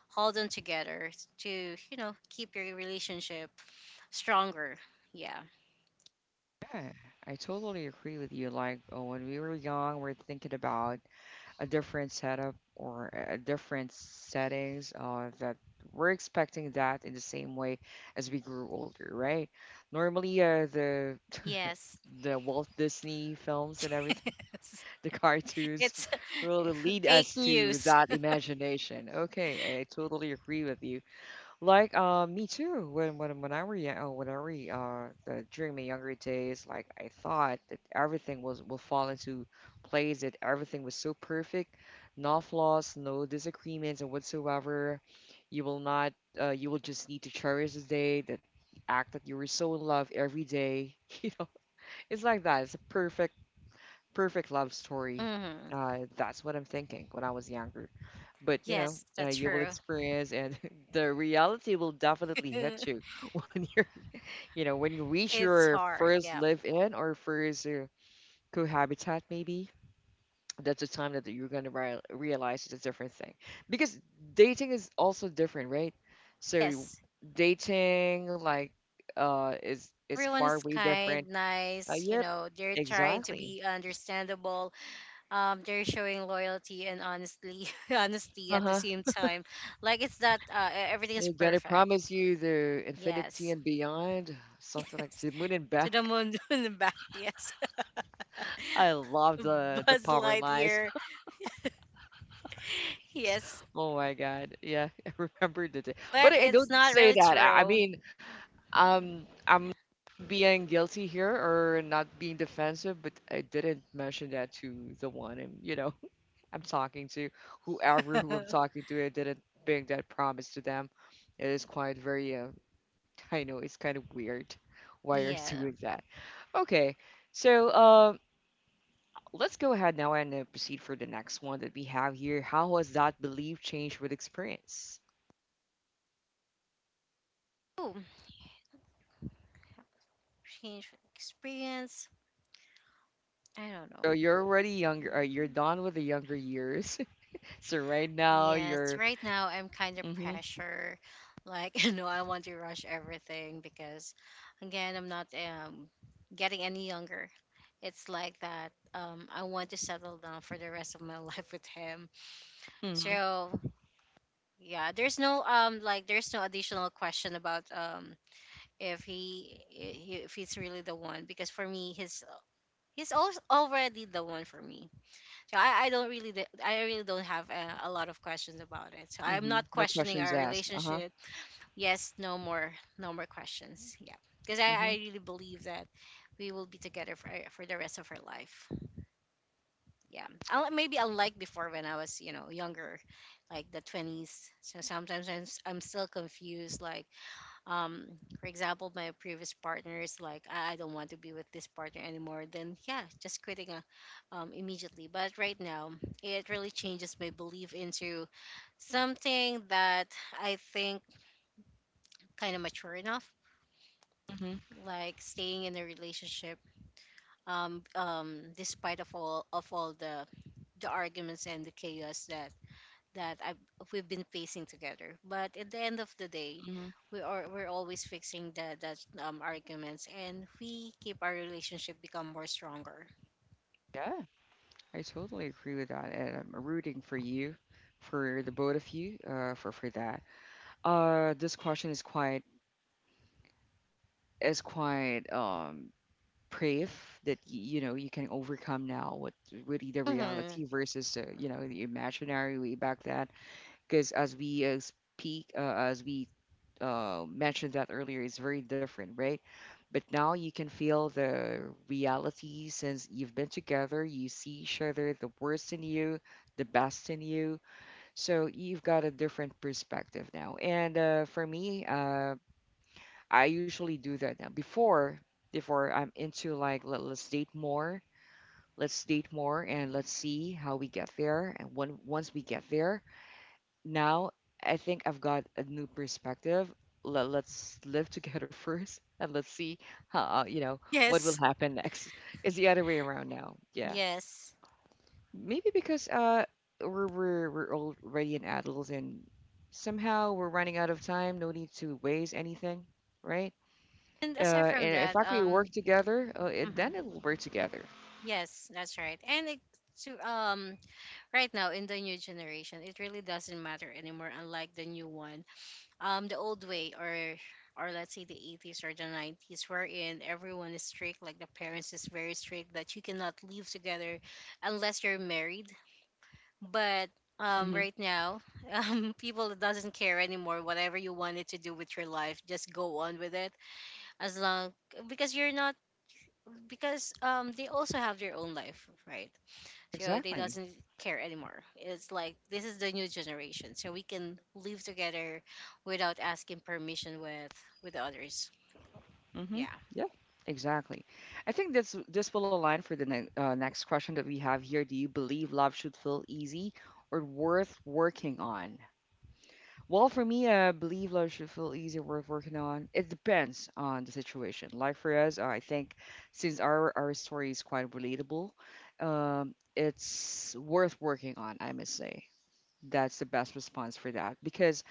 B: hold on together to you know keep your relationship stronger. Yeah.
A: Yeah, I totally agree with you. Like, when we were young, we're thinking about a different setup or a different settings that we're expecting that in the same way as we grew older, right? Normally, the
B: Yes.
A: the Walt Disney films and everything, the cartoons,
B: It's
A: really lead
B: Fake
A: us to
B: news.
A: that imagination. Okay, I totally agree with you. Like me too. When I were young, when I were the, during my younger days, like I thought that everything was will fall into place, that everything was so perfect, no flaws, no disagreements, and whatsoever. You will not. You will just need to cherish the day, that act that you were so in love every day. You know, it's like that. It's a perfect love story.
B: Hmm.
A: That's what I'm thinking when I was younger. But
B: Yes, that's
A: you will
B: true.
A: experience, and the reality will definitely hit you when when you reach
B: It's
A: your
B: hard.
A: first
B: Yeah.
A: live-in or first cohabitat, maybe. That's the time that you're gonna realize it's a different thing, because dating is also different, right? So
B: Yes.
A: dating, is
B: Everyone
A: far
B: is
A: way
B: kind,
A: different.
B: nice, you
A: Yep,
B: know, they're trying to
A: exactly.
B: be understandable. They're showing loyalty and honestly honesty at the
A: Uh-huh.
B: same time. Like it's that everything is
A: You gotta
B: perfect.
A: promise you the infinity and
B: Yes.
A: beyond, something like the
B: Yes.
A: moon and
B: To the
A: back.
B: moon in the back, yes.
A: I love the
B: Buzz
A: power lines.
B: Lightyear. Yes.
A: Oh my God, yeah, I remember the day. But
B: But
A: I
B: it's
A: don't
B: not
A: say
B: really
A: that. I
B: true.
A: mean, I'm being guilty here or not being defensive, but I didn't mention that to the one. And I'm talking to, whoever who I'm talking to. I didn't make that promise to them. It is quite very I know it's kind of weird why you're
B: Yeah.
A: doing that. Okay, so let's go ahead now and proceed for the next one that we have here. How has that belief changed with experience?
B: Ooh, change experience. I don't
A: So
B: know.
A: you're already younger. You're
B: Mm-hmm.
A: done with the younger years. So right now
B: Yes,
A: you're.
B: right now I'm kind of
A: Mm-hmm.
B: pressure. Like, you know, I want to rush everything because, again, I'm not getting any younger. It's like that. I want to settle down for the rest of my life with him.
A: Mm-hmm.
B: So, yeah, there's no like there's no additional question about if he's really the one because for me already the one for me. So I don't really, I really don't have a lot of questions about it. So I'm
A: Mm-hmm.
B: not
A: No
B: questioning
A: questions
B: our
A: asked. Uh-huh.
B: relationship. Yes, no more, no more questions. Yeah, because
A: Mm-hmm.
B: I really believe that we will be together for the rest of our life. Yeah, Maybe unlike before when I was, you know, younger, like the twenties. So sometimes I'm still confused, like um for example, my previous partner is like I don't want to be with this partner anymore, then yeah, just quitting immediately. But right now it really changes my belief into something that I think kind of mature enough,
A: Mm-hmm.
B: like staying in a relationship despite of all the arguments and the chaos that that I've, we've been facing together. But at the end of the day,
A: Mm-hmm.
B: we're always fixing the that arguments, and we keep our relationship become more stronger.
A: Yeah, I totally agree with that, and I'm rooting for you, for the both of you, for that. This question is quite brave that you know you can overcome now what really the
B: Hmm.
A: reality versus you know the imaginary way back then, because as we speak, as we mentioned that earlier, it's very different, right? But now you can feel the reality since you've been together, you see each other the worst in you, the best in you. So you've got a different perspective now, and for me, I usually do that now. Before, before I'm into like let's date more, and let's see how we get there. And when once we get there, now I think I've got a new perspective. Let's live together first, and let's see how, you know, what will
B: Yes.
A: happen next. It's the other way around now. Yeah,
B: Yes,
A: maybe because uh, we're already an adults, and somehow we're running out of time. No need to waste anything, right?
B: and
A: Uh,
B: aside from
A: and if
B: that,
A: I could work together, it,
B: mhm,
A: then it will work together.
B: yes, that's right. To right now in the new generation, it really doesn't matter anymore. Unlike the new one, the old way or let's say the 80s or the 90s, wherein everyone is strict, like the parents is very strict that you cannot live together unless you're married. But
A: Hmm.
B: right now people doesn't care anymore, whatever you wanted to do with your life, just go on with it. As long because you're not because they also have their own life, right? So they
A: Exactly.
B: doesn't care anymore. It's like this is the new generation, so we can live together without asking permission with others.
A: Hmm.
B: Yeah.
A: Yeah. Exactly. I think this will align for the ne next question that we have here. Do you believe love should feel easy or worth working on? Well, for me, I believe love should feel easy, worth working on. It depends on the situation. Like for us, I think since our story is quite relatable, it's worth working on, I must say. That's the best response for that, because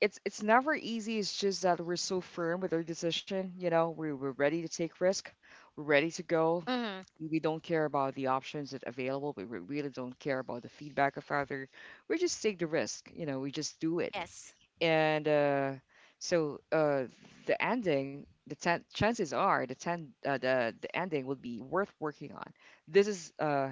A: it's never easy. It's just that we're so firm with our decision. You know, we're ready to take risk. We're ready to go.
B: Mm-hmm.
A: We don't care about the options that available. We really don't care about the feedback of other. We just take the risk. You know, we just do it.
B: Yes.
A: And so uh, the ending, the ten, chances are the ten, the ending will be worth working on. This is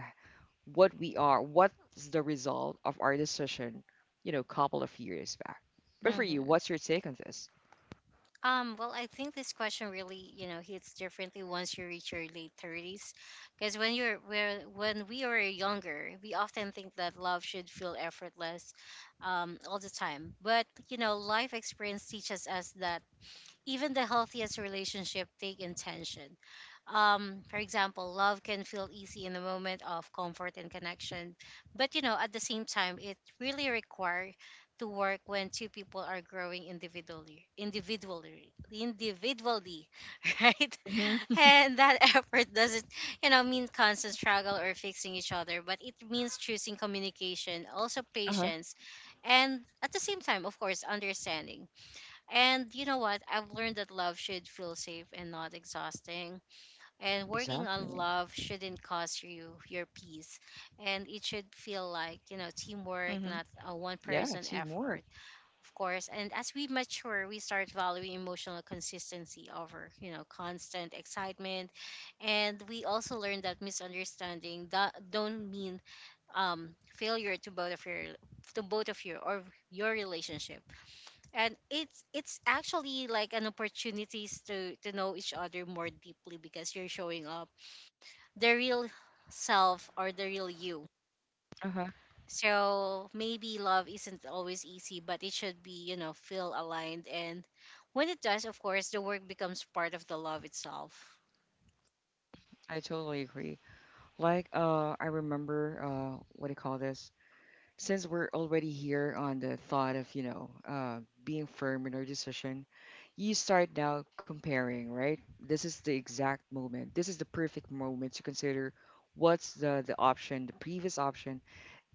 A: what we are, what's the result of our decision, you know, couple of years back. But for you,
B: Mm-hmm.
A: what's your take on this?
B: Well, I think this question really, you know, hits differently once you reach your late 30s, because when you're where when we were younger, we often think that love should feel effortless all the time. But you know, life experience teaches us that even the healthiest relationship take intention. For example, love can feel easy in the moment of comfort and connection, but you know, at the same time, it really requires to work when two people are growing individually, right?
A: Mm-hmm.
B: And that effort doesn't, you know, mean constant struggle or fixing each other, but it means choosing communication, also
A: Uh-huh.
B: patience, and at the same time, of course, understanding. And you know what I've learned, that love should feel safe and not exhausting, and working on
A: Exactly.
B: love shouldn't cost you your peace. And it should feel like, you know, teamwork,
A: Mm-hmm.
B: not a one
A: Yeah,
B: person
A: teamwork.
B: effort, of course. And as we mature, we start valuing emotional consistency over, you know, constant excitement. And we also learn that misunderstanding that don't mean failure to both of your to both of you or your relationship. And it's actually like an opportunities to know each other more deeply, because you're showing up the real self or the real you.
A: Uh-huh.
B: So maybe love isn't always easy, but it should be, you know, feel aligned. And when it does, of course, the work becomes part of the love itself.
A: I totally agree. Like, I remember, what do you call this? Since we're already here on the thought of, you know, being firm in our decision, you start now comparing, right? This is the exact moment. This is the perfect moment to consider what's the option, the previous option,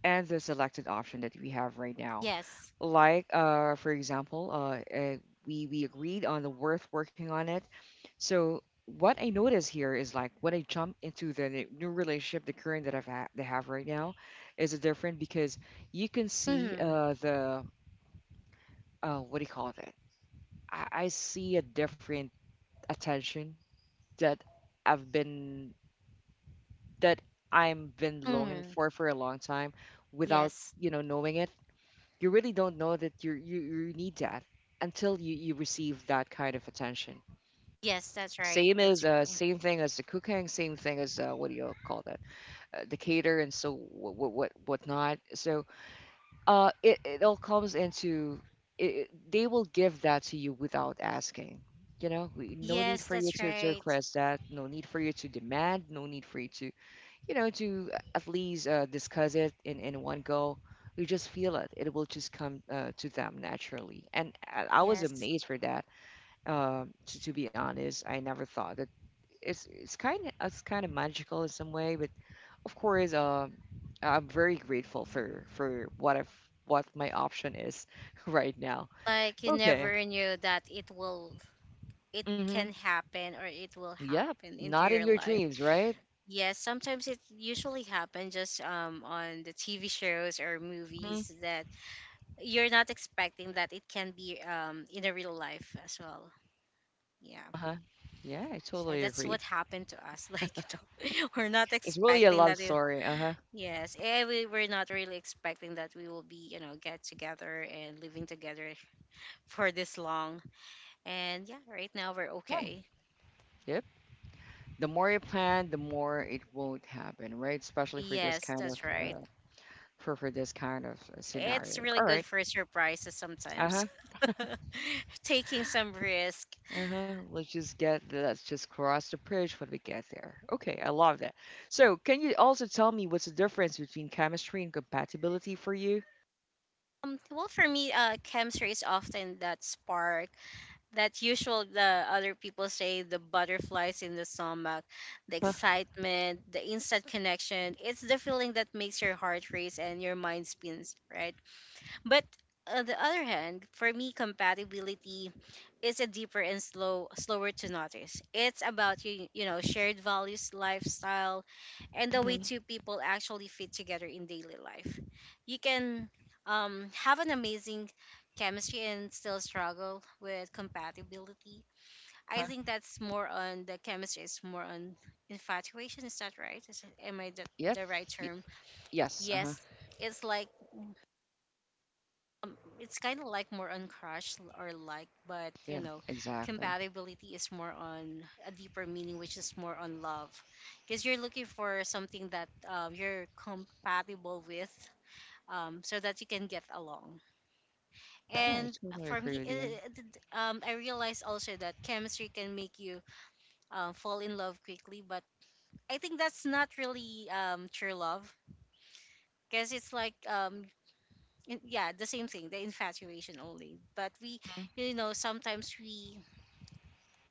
A: and the selected option that we have right now.
B: Yes.
A: Like, for example, we agreed on the worth working on it. So what I notice here is like when I jump into the new relationship, the current that they have right now, is different because you can see
B: Mm-hmm.
A: the what do you call that? I see a different attention that I've been that I'm been longing
B: Mm-hmm.
A: for a long time without,
B: Yes.
A: you know, knowing it. You really don't know that you need that until you receive that kind of attention.
B: Yes, that's right.
A: Same
B: That's
A: as
B: true.
A: same thing as the cooking, same thing as what do you call that, the cater and so what whatnot. So it all comes into they will give that to you without asking. You know, no need
B: Yes,
A: for you
B: that's
A: to
B: right.
A: request that. No need for you to demand. No need for you to, you know, to at least discuss it in one go. You just feel it. It will just come to them naturally. And I was
B: Yes.
A: amazed for that. To be honest, I never thought that it's kind of magical in some way. But of course, I'm very grateful for what I've what my option is right now.
B: Like you
A: Okay.
B: never knew that it will, it
A: Mm-hmm.
B: can happen or it will
A: Yep.
B: happen into
A: Not in
B: your
A: your
B: life.
A: dreams, right?
B: Yes, sometimes it usually happens just on the TV shows or
A: Hmm.
B: movies that you're not expecting that it can be in a real life as well. Yeah.
A: Uh-huh. Yeah, I
B: So
A: totally
B: that's
A: agree.
B: what happened to us. Like you know, we're not
A: It's really a
B: expecting
A: love
B: that it
A: story. Uh-huh.
B: yes, eh, we're not really expecting that we will be, you know, get together and living together for this long. And yeah, right now we're okay.
A: Yeah. The more you plan, the more it won't happen, right? Especially for this
B: Yes,
A: kind of
B: that's right.
A: for this kind of
B: It's
A: scenario.
B: really
A: All
B: good
A: right.
B: for surprises
A: Uh
B: sometimes.
A: huh.
B: Taking some risk.
A: Uh huh. Let's just cross the bridge when we get there. Okay, I love that. So, can you also tell me what's the difference between chemistry and compatibility for you?
B: Well, for me, chemistry is often that spark, that usual the other people say, the butterflies in the stomach, the
A: Huh?
B: excitement, the instant connection. It's the feeling that makes your heart race and your mind spins, right? But on the other hand, for me, compatibility is a deeper and slower to notice. It's about you, you know, shared values, lifestyle, and the way
A: Hmm.
B: two people actually fit together in daily life. You can have an amazing chemistry and still struggle with compatibility. I
A: Huh?
B: think that's more on the chemistry. It's more on infatuation. Is that right? Is, am I
A: Yep.
B: the right
A: Y-
B: term?
A: yes. Uh huh.
B: Yes. It's like um, it's kind of like more on crush, or like, but you
A: Yeah.
B: know,
A: Exactly.
B: compatibility is more on a deeper meaning, which is more on love, because you're looking for something that you're compatible with, so that you can get along.
A: Yeah, I
B: And
A: totally
B: for
A: agree
B: me,
A: with you.
B: I realized also that chemistry can make you fall in love quickly, but I think that's not really true love. Because it's like yeah, the same thing, the infatuation only. But we,
A: Mhm.
B: you know, sometimes we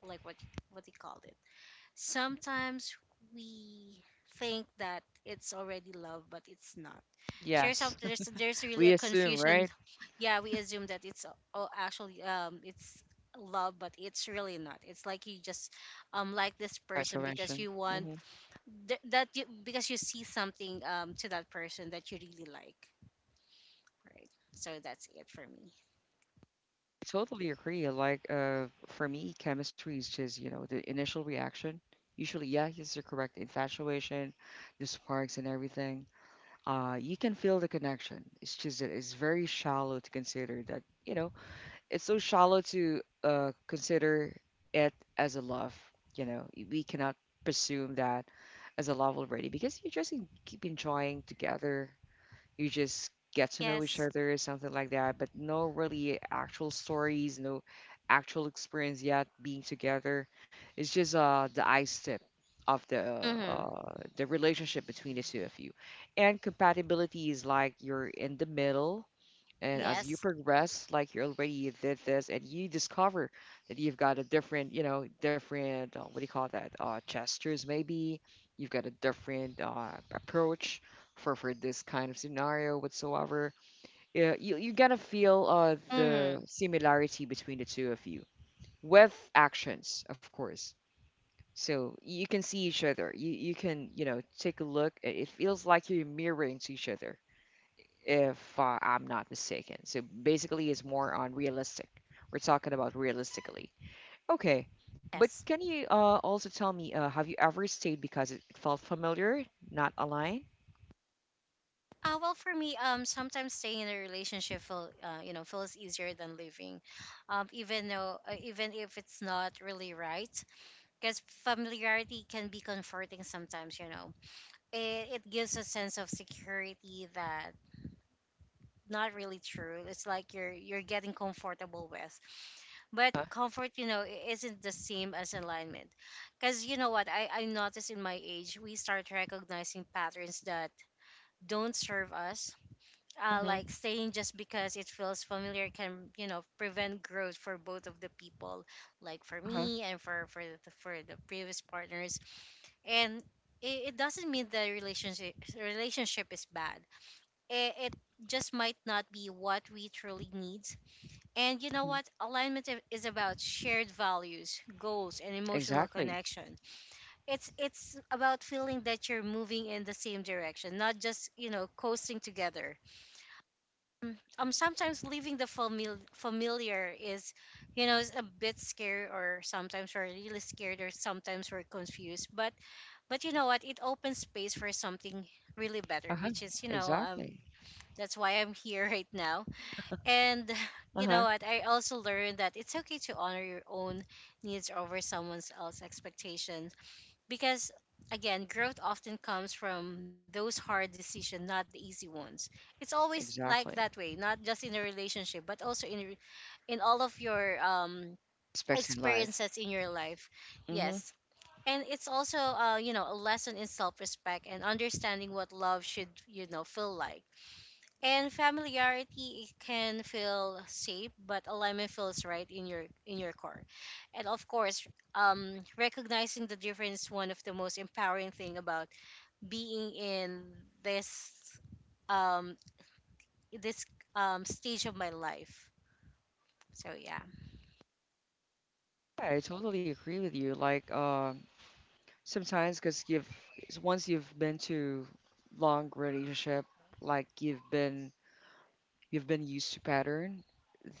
B: like what they called it, sometimes we think that it's already love, but it's not. So there's some
A: Yes.
B: there's really
A: We
B: a
A: assume,
B: confusion.
A: right?
B: Yeah, we assume that it's oh actually it's love, but it's really not. It's like you just like this person because
A: Graduation.
B: you want because you see something to that person that you really like, right? So that's it for me.
A: Totally agree. Like, for me, chemistry is just, you know, the initial reaction. Usually, yeah, yes, you're correct. Infatuation, the sparks and everything. You can feel the connection. It's just that it's very shallow to consider that, you know, it's so shallow to consider it as a love. You know, we cannot presume that as a love already, because you just keep enjoying together, you just get to know each
B: Yes.
A: other or something like that, but no really actual stories, no actual experience yet being together. It's just the ice tip of
B: Mm-hmm.
A: the relationship between the two of you. And compatibility is like you're in the middle, and as you
B: Yes.
A: progress, like you already did this, and you discover that you've got a different, you know, different, what do you call that? Gestures, maybe. You've got a different approach for this kind of scenario whatsoever. Yeah, you gotta feel the
B: Mm-hmm.
A: similarity between the two of you with actions, of course. So you can see each other. You know, take a look. It feels like you're mirroring to each other if I'm not mistaken. So basically, it's more on realistic. We're talking about realistically. Okay, but
B: Yes.
A: can you also tell me, have you ever stayed because it felt familiar, not aligned?
B: Well, for me, sometimes staying in a relationship feel, you know, feels easier than leaving, even though, even if it's not really right, because familiarity can be comforting sometimes. You know, it gives a sense of security that not really true. It's like you're getting comfortable with, but
A: Uh,
B: comfort, isn't the same as alignment, because you know what I noticed in my age, we start recognizing patterns that don't serve us. Uh,
A: mhm,
B: like staying just because it feels familiar can, prevent growth for both of the people, like for
A: uh-huh,
B: me and for the previous partners. And it doesn't mean the relationship is bad. It just might not be what we truly need. And you know
A: mhm.
B: what? Alignment is about shared values, goals, and emotional
A: Exactly.
B: connection. It's about feeling that you're moving in the same direction, not just coasting together. Sometimes leaving the familiar is is a bit scary, or sometimes we're really scared, or sometimes we're confused, but you know what, it opens space for something really better,
A: Uh-huh.
B: which is
A: Exactly.
B: that's why I'm here right now. And you know
A: Uh-huh.
B: what, I also learned that it's okay to honor your own needs over someone else's expectation, because again, growth often comes from those hard decisions, not the easy ones. It's always like
A: Exactly.
B: that way, not just in a relationship, but also in all of your
A: Aspects in life.
B: experiences in your life.
A: Mm-hmm.
B: Yes. And it's also you know, a lesson in self-respect and understanding what love should you know feel like. And familiarity, it can feel safe, but alignment feels right in your core. And of course, recognizing the difference is one of the most empowering thing about being in this um this stage of my life. So yeah.
A: Yeah, I totally agree with you. Like, sometimes because once you've been to long relationship, like you've been used to pattern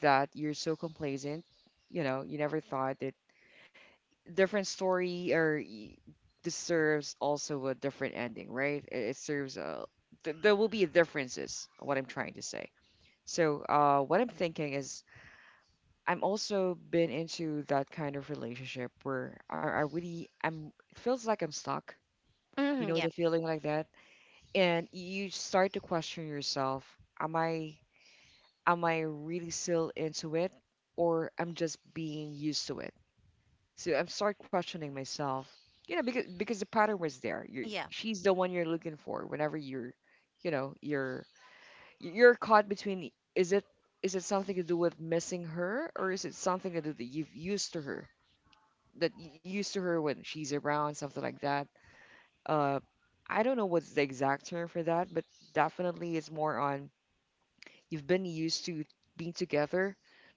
A: that you're so complacent. You know, you never thought that different story or deserves also a different ending, right? It serves a th- there will be differences, what I'm trying to say. So, what I'm thinking is I'm also been into that kind of relationship where I really I'm it feels like I'm stuck. You
B: Mm,
A: know the
B: yep.
A: feeling like that, and you start to question yourself: Am I am I really still into it, or I'm just being used to it? So I'm start questioning myself. You know, because the pattern was there. You
B: Yeah.
A: she's the one you're looking for whenever you're, you know, you're caught between is it something to do with missing her, or is it something to do that you've used to her that y- used to her when she's around, something like that. Uh, I don't know what's the exact term for that, but definitely it's more on, you've been used to being together.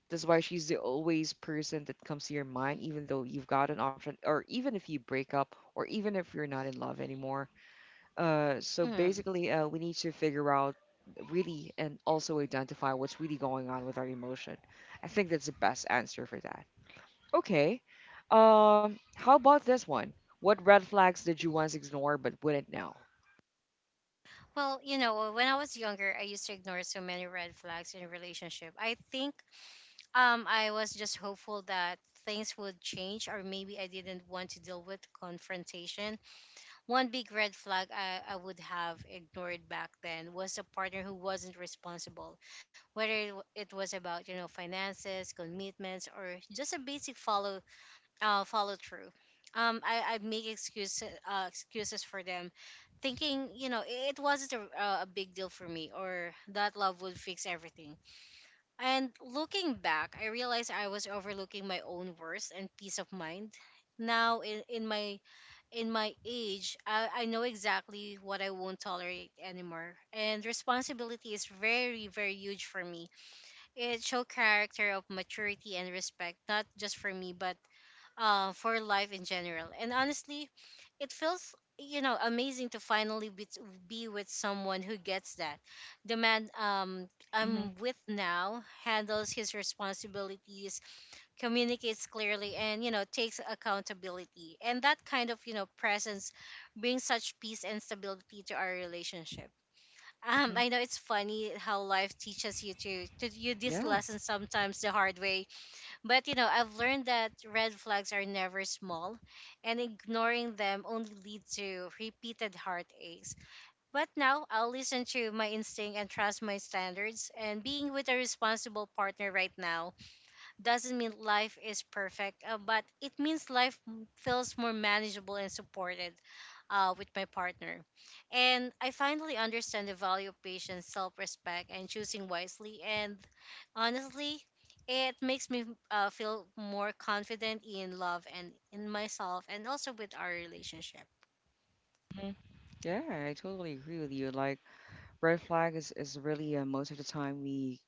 A: That's why she's the always person that comes to your mind, even though you've got an option, or even if you break up, or even if you're not in love anymore. So
B: Mm.
A: basically, we need to figure out really and also identify what's really going on with our emotion. I think that's the best answer for that. Okay. How about this one? What red flags did you once ignore but wouldn't now?
B: Well, you know, when I was younger, I used to ignore so many red flags in a relationship. I think I was just hopeful that things would change, or maybe I didn't want to deal with confrontation. One big red flag I would have ignored back then was a partner who wasn't responsible, whether it it was about you know finances, commitments, or just a basic follow follow through. I make excuses for them, thinking you know it wasn't a big deal for me, or that love would fix everything. And looking back, I realized I was overlooking my own worth and peace of mind. Now in my age, I know exactly what I won't tolerate anymore. And responsibility is very, very huge for me. It show character of maturity and respect, not just for me, but for life in general. And honestly, it feels you know amazing to be with someone who gets that. The man
A: Mm-hmm.
B: I'm with now handles his responsibilities, communicates clearly, and you know takes accountability. And that kind of you know presence brings such peace and stability to our relationship. I know it's funny how life teaches you to you this
A: Yeah,
B: lesson sometimes the hard way, but you know, I've learned that red flags are never small, and ignoring them only leads to repeated heartaches. But now I'll listen to my instinct and trust my standards, and being with a responsible partner right now doesn't mean life is perfect, but it means life feels more manageable and supported, with my partner. And I finally understand the value of patience, self respect, and choosing wisely. And honestly, it makes me feel more confident in love and in myself, and also with our relationship.
A: hmm yeah, I totally agree with you. Like, red flag is really most of the time we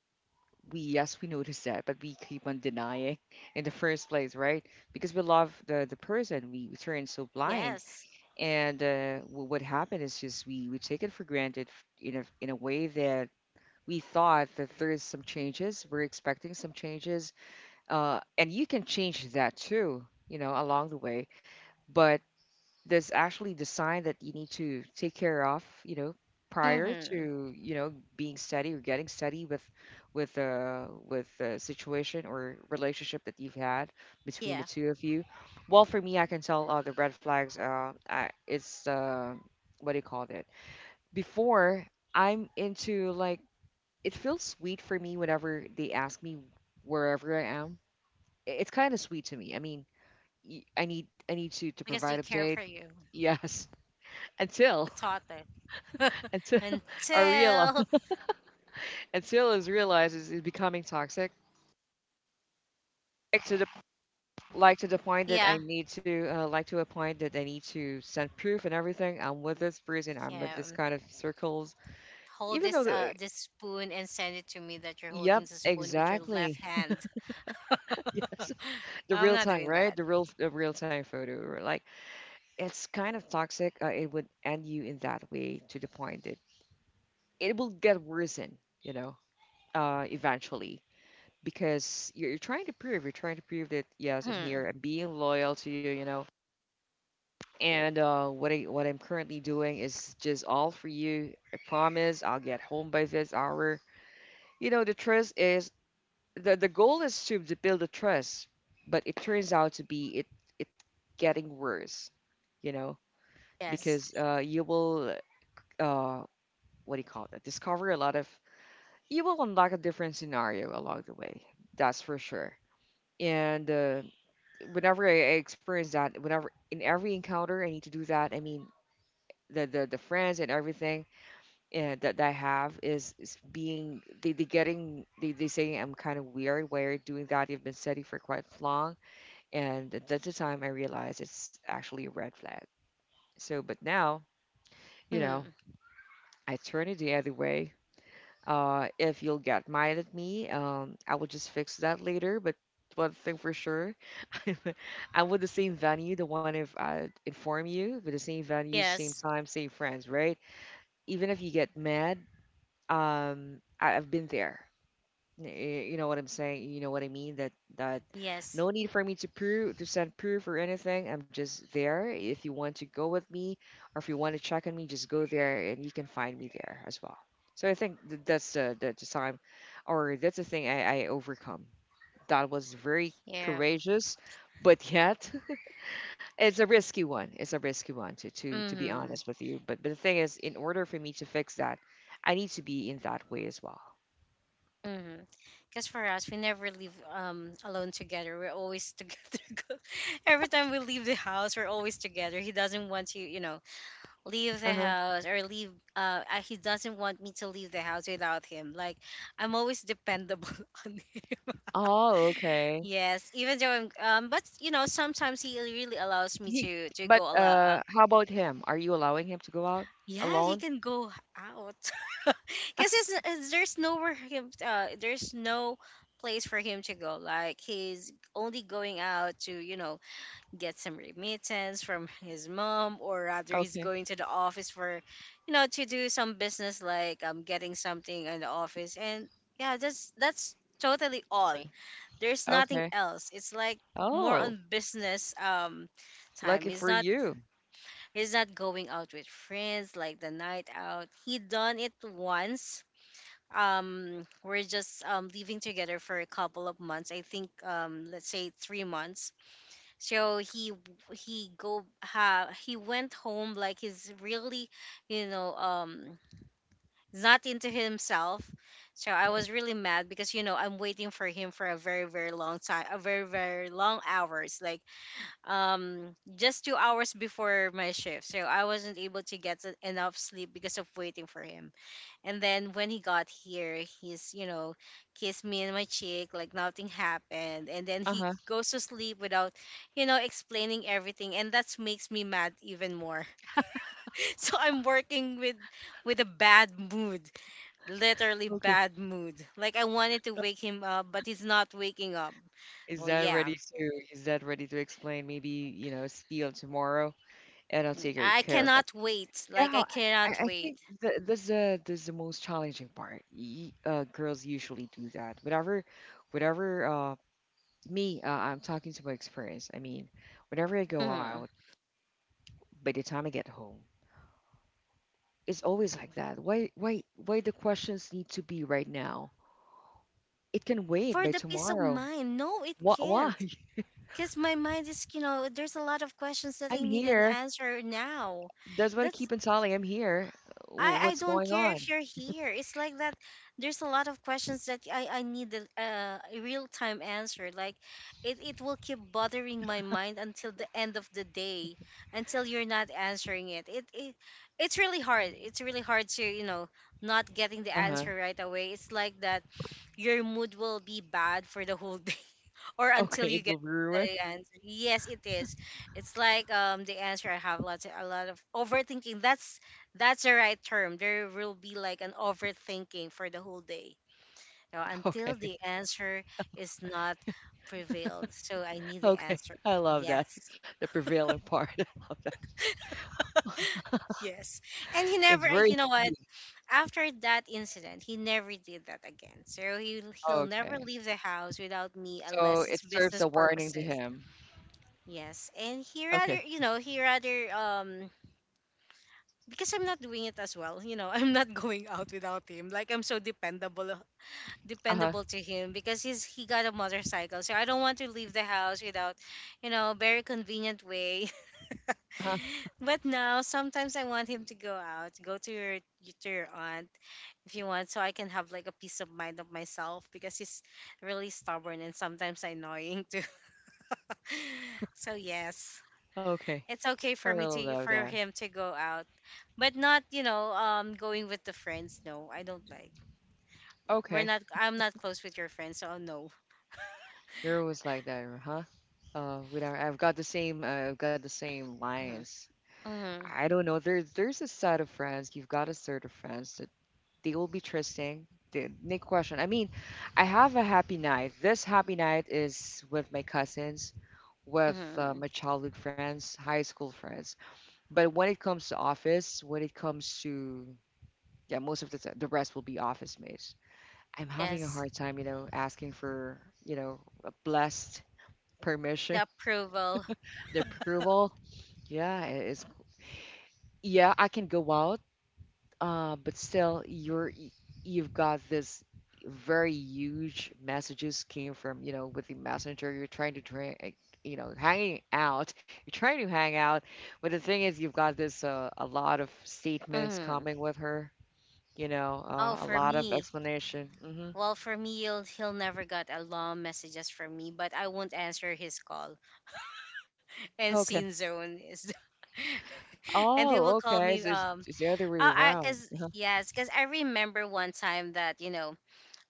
A: we yes we notice that, but we keep on denying in the first place, right? Because we love the person, we turn so blind,
B: Yes.
A: and what happened is just we take it for granted in a way that we thought that there is some changes, we're expecting some changes, and you can change that too, you know, along the way, but there's actually the sign that you need to take care of, you know, prior
B: Mm-hmm.
A: to, you know, being steady or getting steady with with a situation or relationship that you've had between the
B: Yeah.
A: two of you. Well, for me, I can tell the red flags. I, it's what do you call it? Before I'm into like it feels sweet for me whenever they ask me wherever I am. It's kind of sweet to me. I mean, I need to
B: Because they
A: provide
B: care
A: update.
B: for you.
A: Yes, until
B: Taught it.
A: until I realize
B: Until.
A: until is realizes it's becoming toxic. Like to the like to the point that
B: Yeah.
A: I need to like to a point that I need to send proof and everything. I'm with this person. I'm with this
B: Yeah.
A: kind of circles.
B: Hold
A: Even though,
B: this spoon and send it to me that you're holding
A: yep,
B: the spoon with your
A: exactly.
B: left hand.
A: Yes, the
B: I'm
A: real
B: not
A: time,
B: doing
A: right?
B: that.
A: The real time photo. Or like it's kind of toxic. It would end you in that way to the point that it will get worsen. You know, eventually because you're trying to prove, you're trying to prove that yes, I'm
B: Hmm.
A: here, I'm being loyal to you, you know, and what I'm currently doing is just all for you. I promise I'll get home by this hour. You know, the trust is the goal is to build a trust, but it turns out to be it it getting worse, you know,
B: Yes.
A: because you will uh, what do you call that, discover a lot of, you will unlock a different scenario along the way. That's for sure. And whenever I experience that, whenever in every encounter I need to do that, I mean the friends and everything and that I have is being, they getting they saying I'm kind of weird, why are you doing that? You've been steady for quite long, and that's the time I realized it's actually a red flag. So, but now, you know,
B: Hmm.
A: I turn it the other way. If you'll get mad at me, I will just fix that later. But one thing for sure, I'm with the same venue, the one, if I inform you, with the same venue, same
B: Yes.
A: time, same friends, right? Even if you get mad, I've been there. Y- You know what I'm saying? You know what I mean? That
B: Yes.
A: no need for me to prove, to send proof or anything. I'm just there. If you want to go with me, or if you want to check on me, just go there, and you can find me there as well. So I think that's the time, or that's the thing I overcome. That was very
B: Yeah.
A: courageous, but yet it's a risky one. It's a risky one to to be
B: Mm-hmm.
A: honest with you. But the thing is, in order for me to fix that, I need to be in that way as well.
B: Mm-hmm. Because for us, we never live alone together. We're always together. Every time we leave the house, we're always together. He doesn't want to, you know, leave
A: Uh
B: the
A: huh.
B: house or leave. He doesn't want me to leave the house without him. Like I'm always dependable on him.
A: Oh, okay.
B: Yes, even though I'm, but you know, sometimes he really really allows me
A: He
B: to
A: But
B: go a lot.
A: how about him? Are you allowing him to go out
B: Yeah, he
A: alone?
B: can go out because it's, there's nowhere him, there's no place for him to go. Like he's only going out to you know get some remittance from his mom, or rather, he's
A: Okay.
B: going to the office for, you know, to do some business like getting something in the office, and yeah, that's totally all.
A: Only.
B: There's nothing
A: Okay.
B: else. It's like more on
A: Oh,
B: business time.
A: lucky
B: He's
A: for
B: not
A: you.
B: going out with friends. Like the night out, he done it once. We're just living together for a couple of months, I think, let's say 3 months. So he go ha he went home. Like he's really you know um not into himself. So I was
A: Mm.
B: really mad because you know I'm waiting for him for a very very long time, a very very long hours, like just 2 hours before my shift. So I wasn't able to get enough sleep because of waiting for him. And then when he got here, he's you know kissed me in my cheek like nothing happened. And then he
A: Uh-huh.
B: goes to sleep without you know explaining everything, and that makes me mad even more. So I'm working with a bad mood, literally
A: Okay.
B: bad mood. Like I wanted to wake him up, but he's not waking up.
A: Is
B: Oh
A: that
B: yeah,
A: ready to, is that ready to explain maybe, you know, see you tomorrow and I'll take
B: I
A: care of that.
B: cannot wait. Like
A: Yeah,
B: I cannot
A: I think
B: wait.
A: th that's the, that's the most challenging part. Y Girls usually do that. Whatever whatever me I'm talking to my experience. I mean, whenever I go out,
B: Hmm.
A: by the time I get home, it's always like that. Why the questions need to be right now? It can wait
B: For
A: by
B: the peace of
A: tomorrow.
B: mind, no, it can't.
A: Why?
B: Cause my mind is, you know, there's a lot of questions that
A: I'm
B: I need an
A: here.
B: answer now.
A: That's what I
B: That's
A: keep on telling. I'm here.
B: I
A: What's
B: don't
A: going
B: care
A: on?
B: if you're here. It's like that. There's a lot of questions that I need a real time answer. Like, it will keep bothering my mind until the end of the day, until you're not answering it. It's really hard. It's really hard to, you know, not getting the
A: Uh-huh.
B: answer right away. It's like that, your mood will be bad for the whole day, or until
A: Okay, it
B: you get
A: will ruin.
B: the answer. Yes, it is. It's like the answer. I have lots of, a lot of overthinking. That's the right term. There will be like an overthinking for the whole day. You know, until
A: Okay,
B: the answer is not prevailed. So I need the
A: okay.
B: answer.
A: I love
B: Yes.
A: that. The prevailing part. I love that.
B: Yes. And he
A: It's
B: never
A: very
B: you know what?
A: heavy.
B: After that incident, he never did that again. So he'll never
A: Okay.
B: leave the house without me
A: So
B: unless
A: it
B: it's
A: serves
B: business
A: a warning to
B: purposes.
A: him.
B: Yes, and he rather,
A: Okay.
B: you know, he rather because I'm not doing it as well, you know, I'm not going out without him. Like I'm so
A: Uh-huh.
B: dependable to him because he got a motorcycle. So I don't want to leave the house without, you know, very convenient way.
A: Uh-huh.
B: But now sometimes I want him to go out, go to your aunt if you want, so I can have like a peace of mind of myself, because he's really stubborn and sometimes annoying too. So yes.
A: Okay.
B: It's okay
A: I
B: for me
A: really
B: to
A: love
B: for
A: that.
B: him to go out, but not you know going with the friends. No, I don't like, we're
A: Okay.
B: not, I'm not close with your friends, so oh, no.
A: You're always like that, huh? We don't. I've got the same. I've got the same lines.
B: Mm-hmm.
A: I don't know. There's a side of friends. You've got a side of friends that they will be trusting. The Nick question. I mean, I have a happy night. This happy night is with my cousins, with
B: Hmm.
A: my childhood friends, high school friends. But when it comes to office, when it comes to, yeah, most of the rest will be office mates. I'm having a
B: Yes.
A: hard time, you know, asking for, you know, a blessed permission,
B: The approval.
A: the approval. Yeah, it is. Yeah, I can go out, but still, you've got this very huge messages came from, you know, with the messenger. You're trying to you know, hanging out. You're trying to hang out, but the thing is, you've got this a lot of statements
B: Hmm.
A: coming with her. You know,
B: Oh,
A: a
B: for
A: lot of
B: me,
A: explanation.
B: well for me he'll, he'll never got a long messages from me, but I won't answer his call. And scene
A: Okay.
B: zone is and he
A: Oh,
B: will call
A: okay. So
B: me
A: it's the other way
B: oh, I
A: around.
B: because
A: Uh-huh.
B: yes, because I remember one time that you know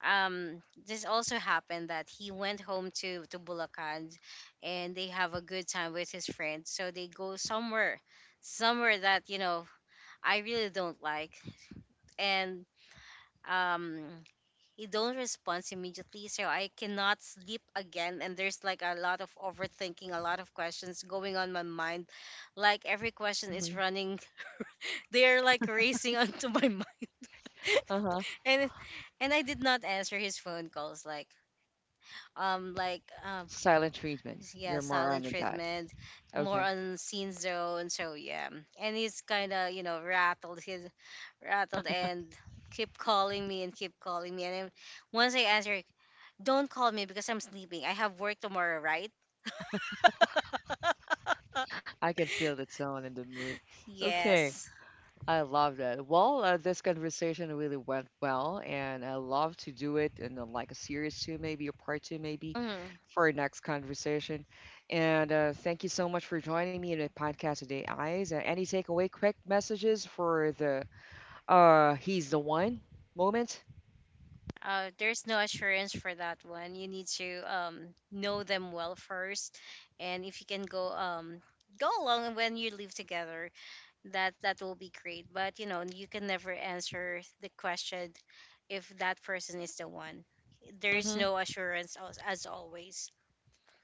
B: this also happened that he went home to Bulacan, and they have a good time with his friends, so they go somewhere that you know I really don't like. And um he don't respond immediately, so I cannot sleep again, and there's like a lot of overthinking, a lot of questions going on my mind, like every question is running they're like racing onto my mind.
A: Uh-huh.
B: And I did not answer his phone calls, like um like uh,
A: Silent treatment.
B: yeah,
A: You're more on
B: silent
A: that.
B: treatment, more
A: Okay.
B: on scene zone. So yeah, and he's kind of you know rattled, he's rattled, and keep calling me and keep calling me. And then once I answer, don't call me because I'm sleeping. I have work tomorrow, right?
A: I can feel the someone in the mood. Okay,
B: Yes.
A: I love that. Well, this conversation really went well, and I love to do it in like a series two, maybe a part two, maybe
B: Mm.
A: for our next conversation. And thank you so much for joining me in the podcast today, Eyes. Any takeaway, quick messages for the he's the one moment?
B: There's no assurance for that one. You need to know them well first, and if you can go go along when you live together, that will be great. But you know, you can never answer the question if that person is the one. There is
A: Mm-hmm.
B: no assurance as always,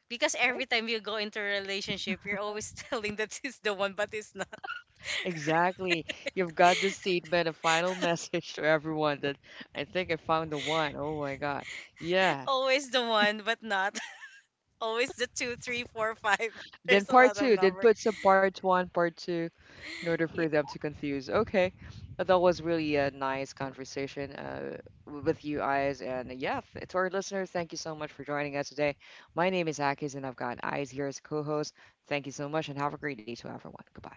B: because
A: Okay.
B: every time you go into a relationship you're always telling that he's the one, but it's not.
A: Exactly. You've got the statement, a final message to everyone that I think I found the one. Oh my God. Yeah.
B: Always the one, but not always the 2, 3, 4, 5
A: Then
B: there's a
A: part
B: lot of
A: two, then
B: number
A: put some part one, part two, in order for them to confuse. Okay, but that was really a nice conversation with you guys. And yeah, to our listeners, thank you so much for joining us today. My name is Akis, and I've got Eyes here as co-host. Thank you so much, and have a great day to everyone. Goodbye.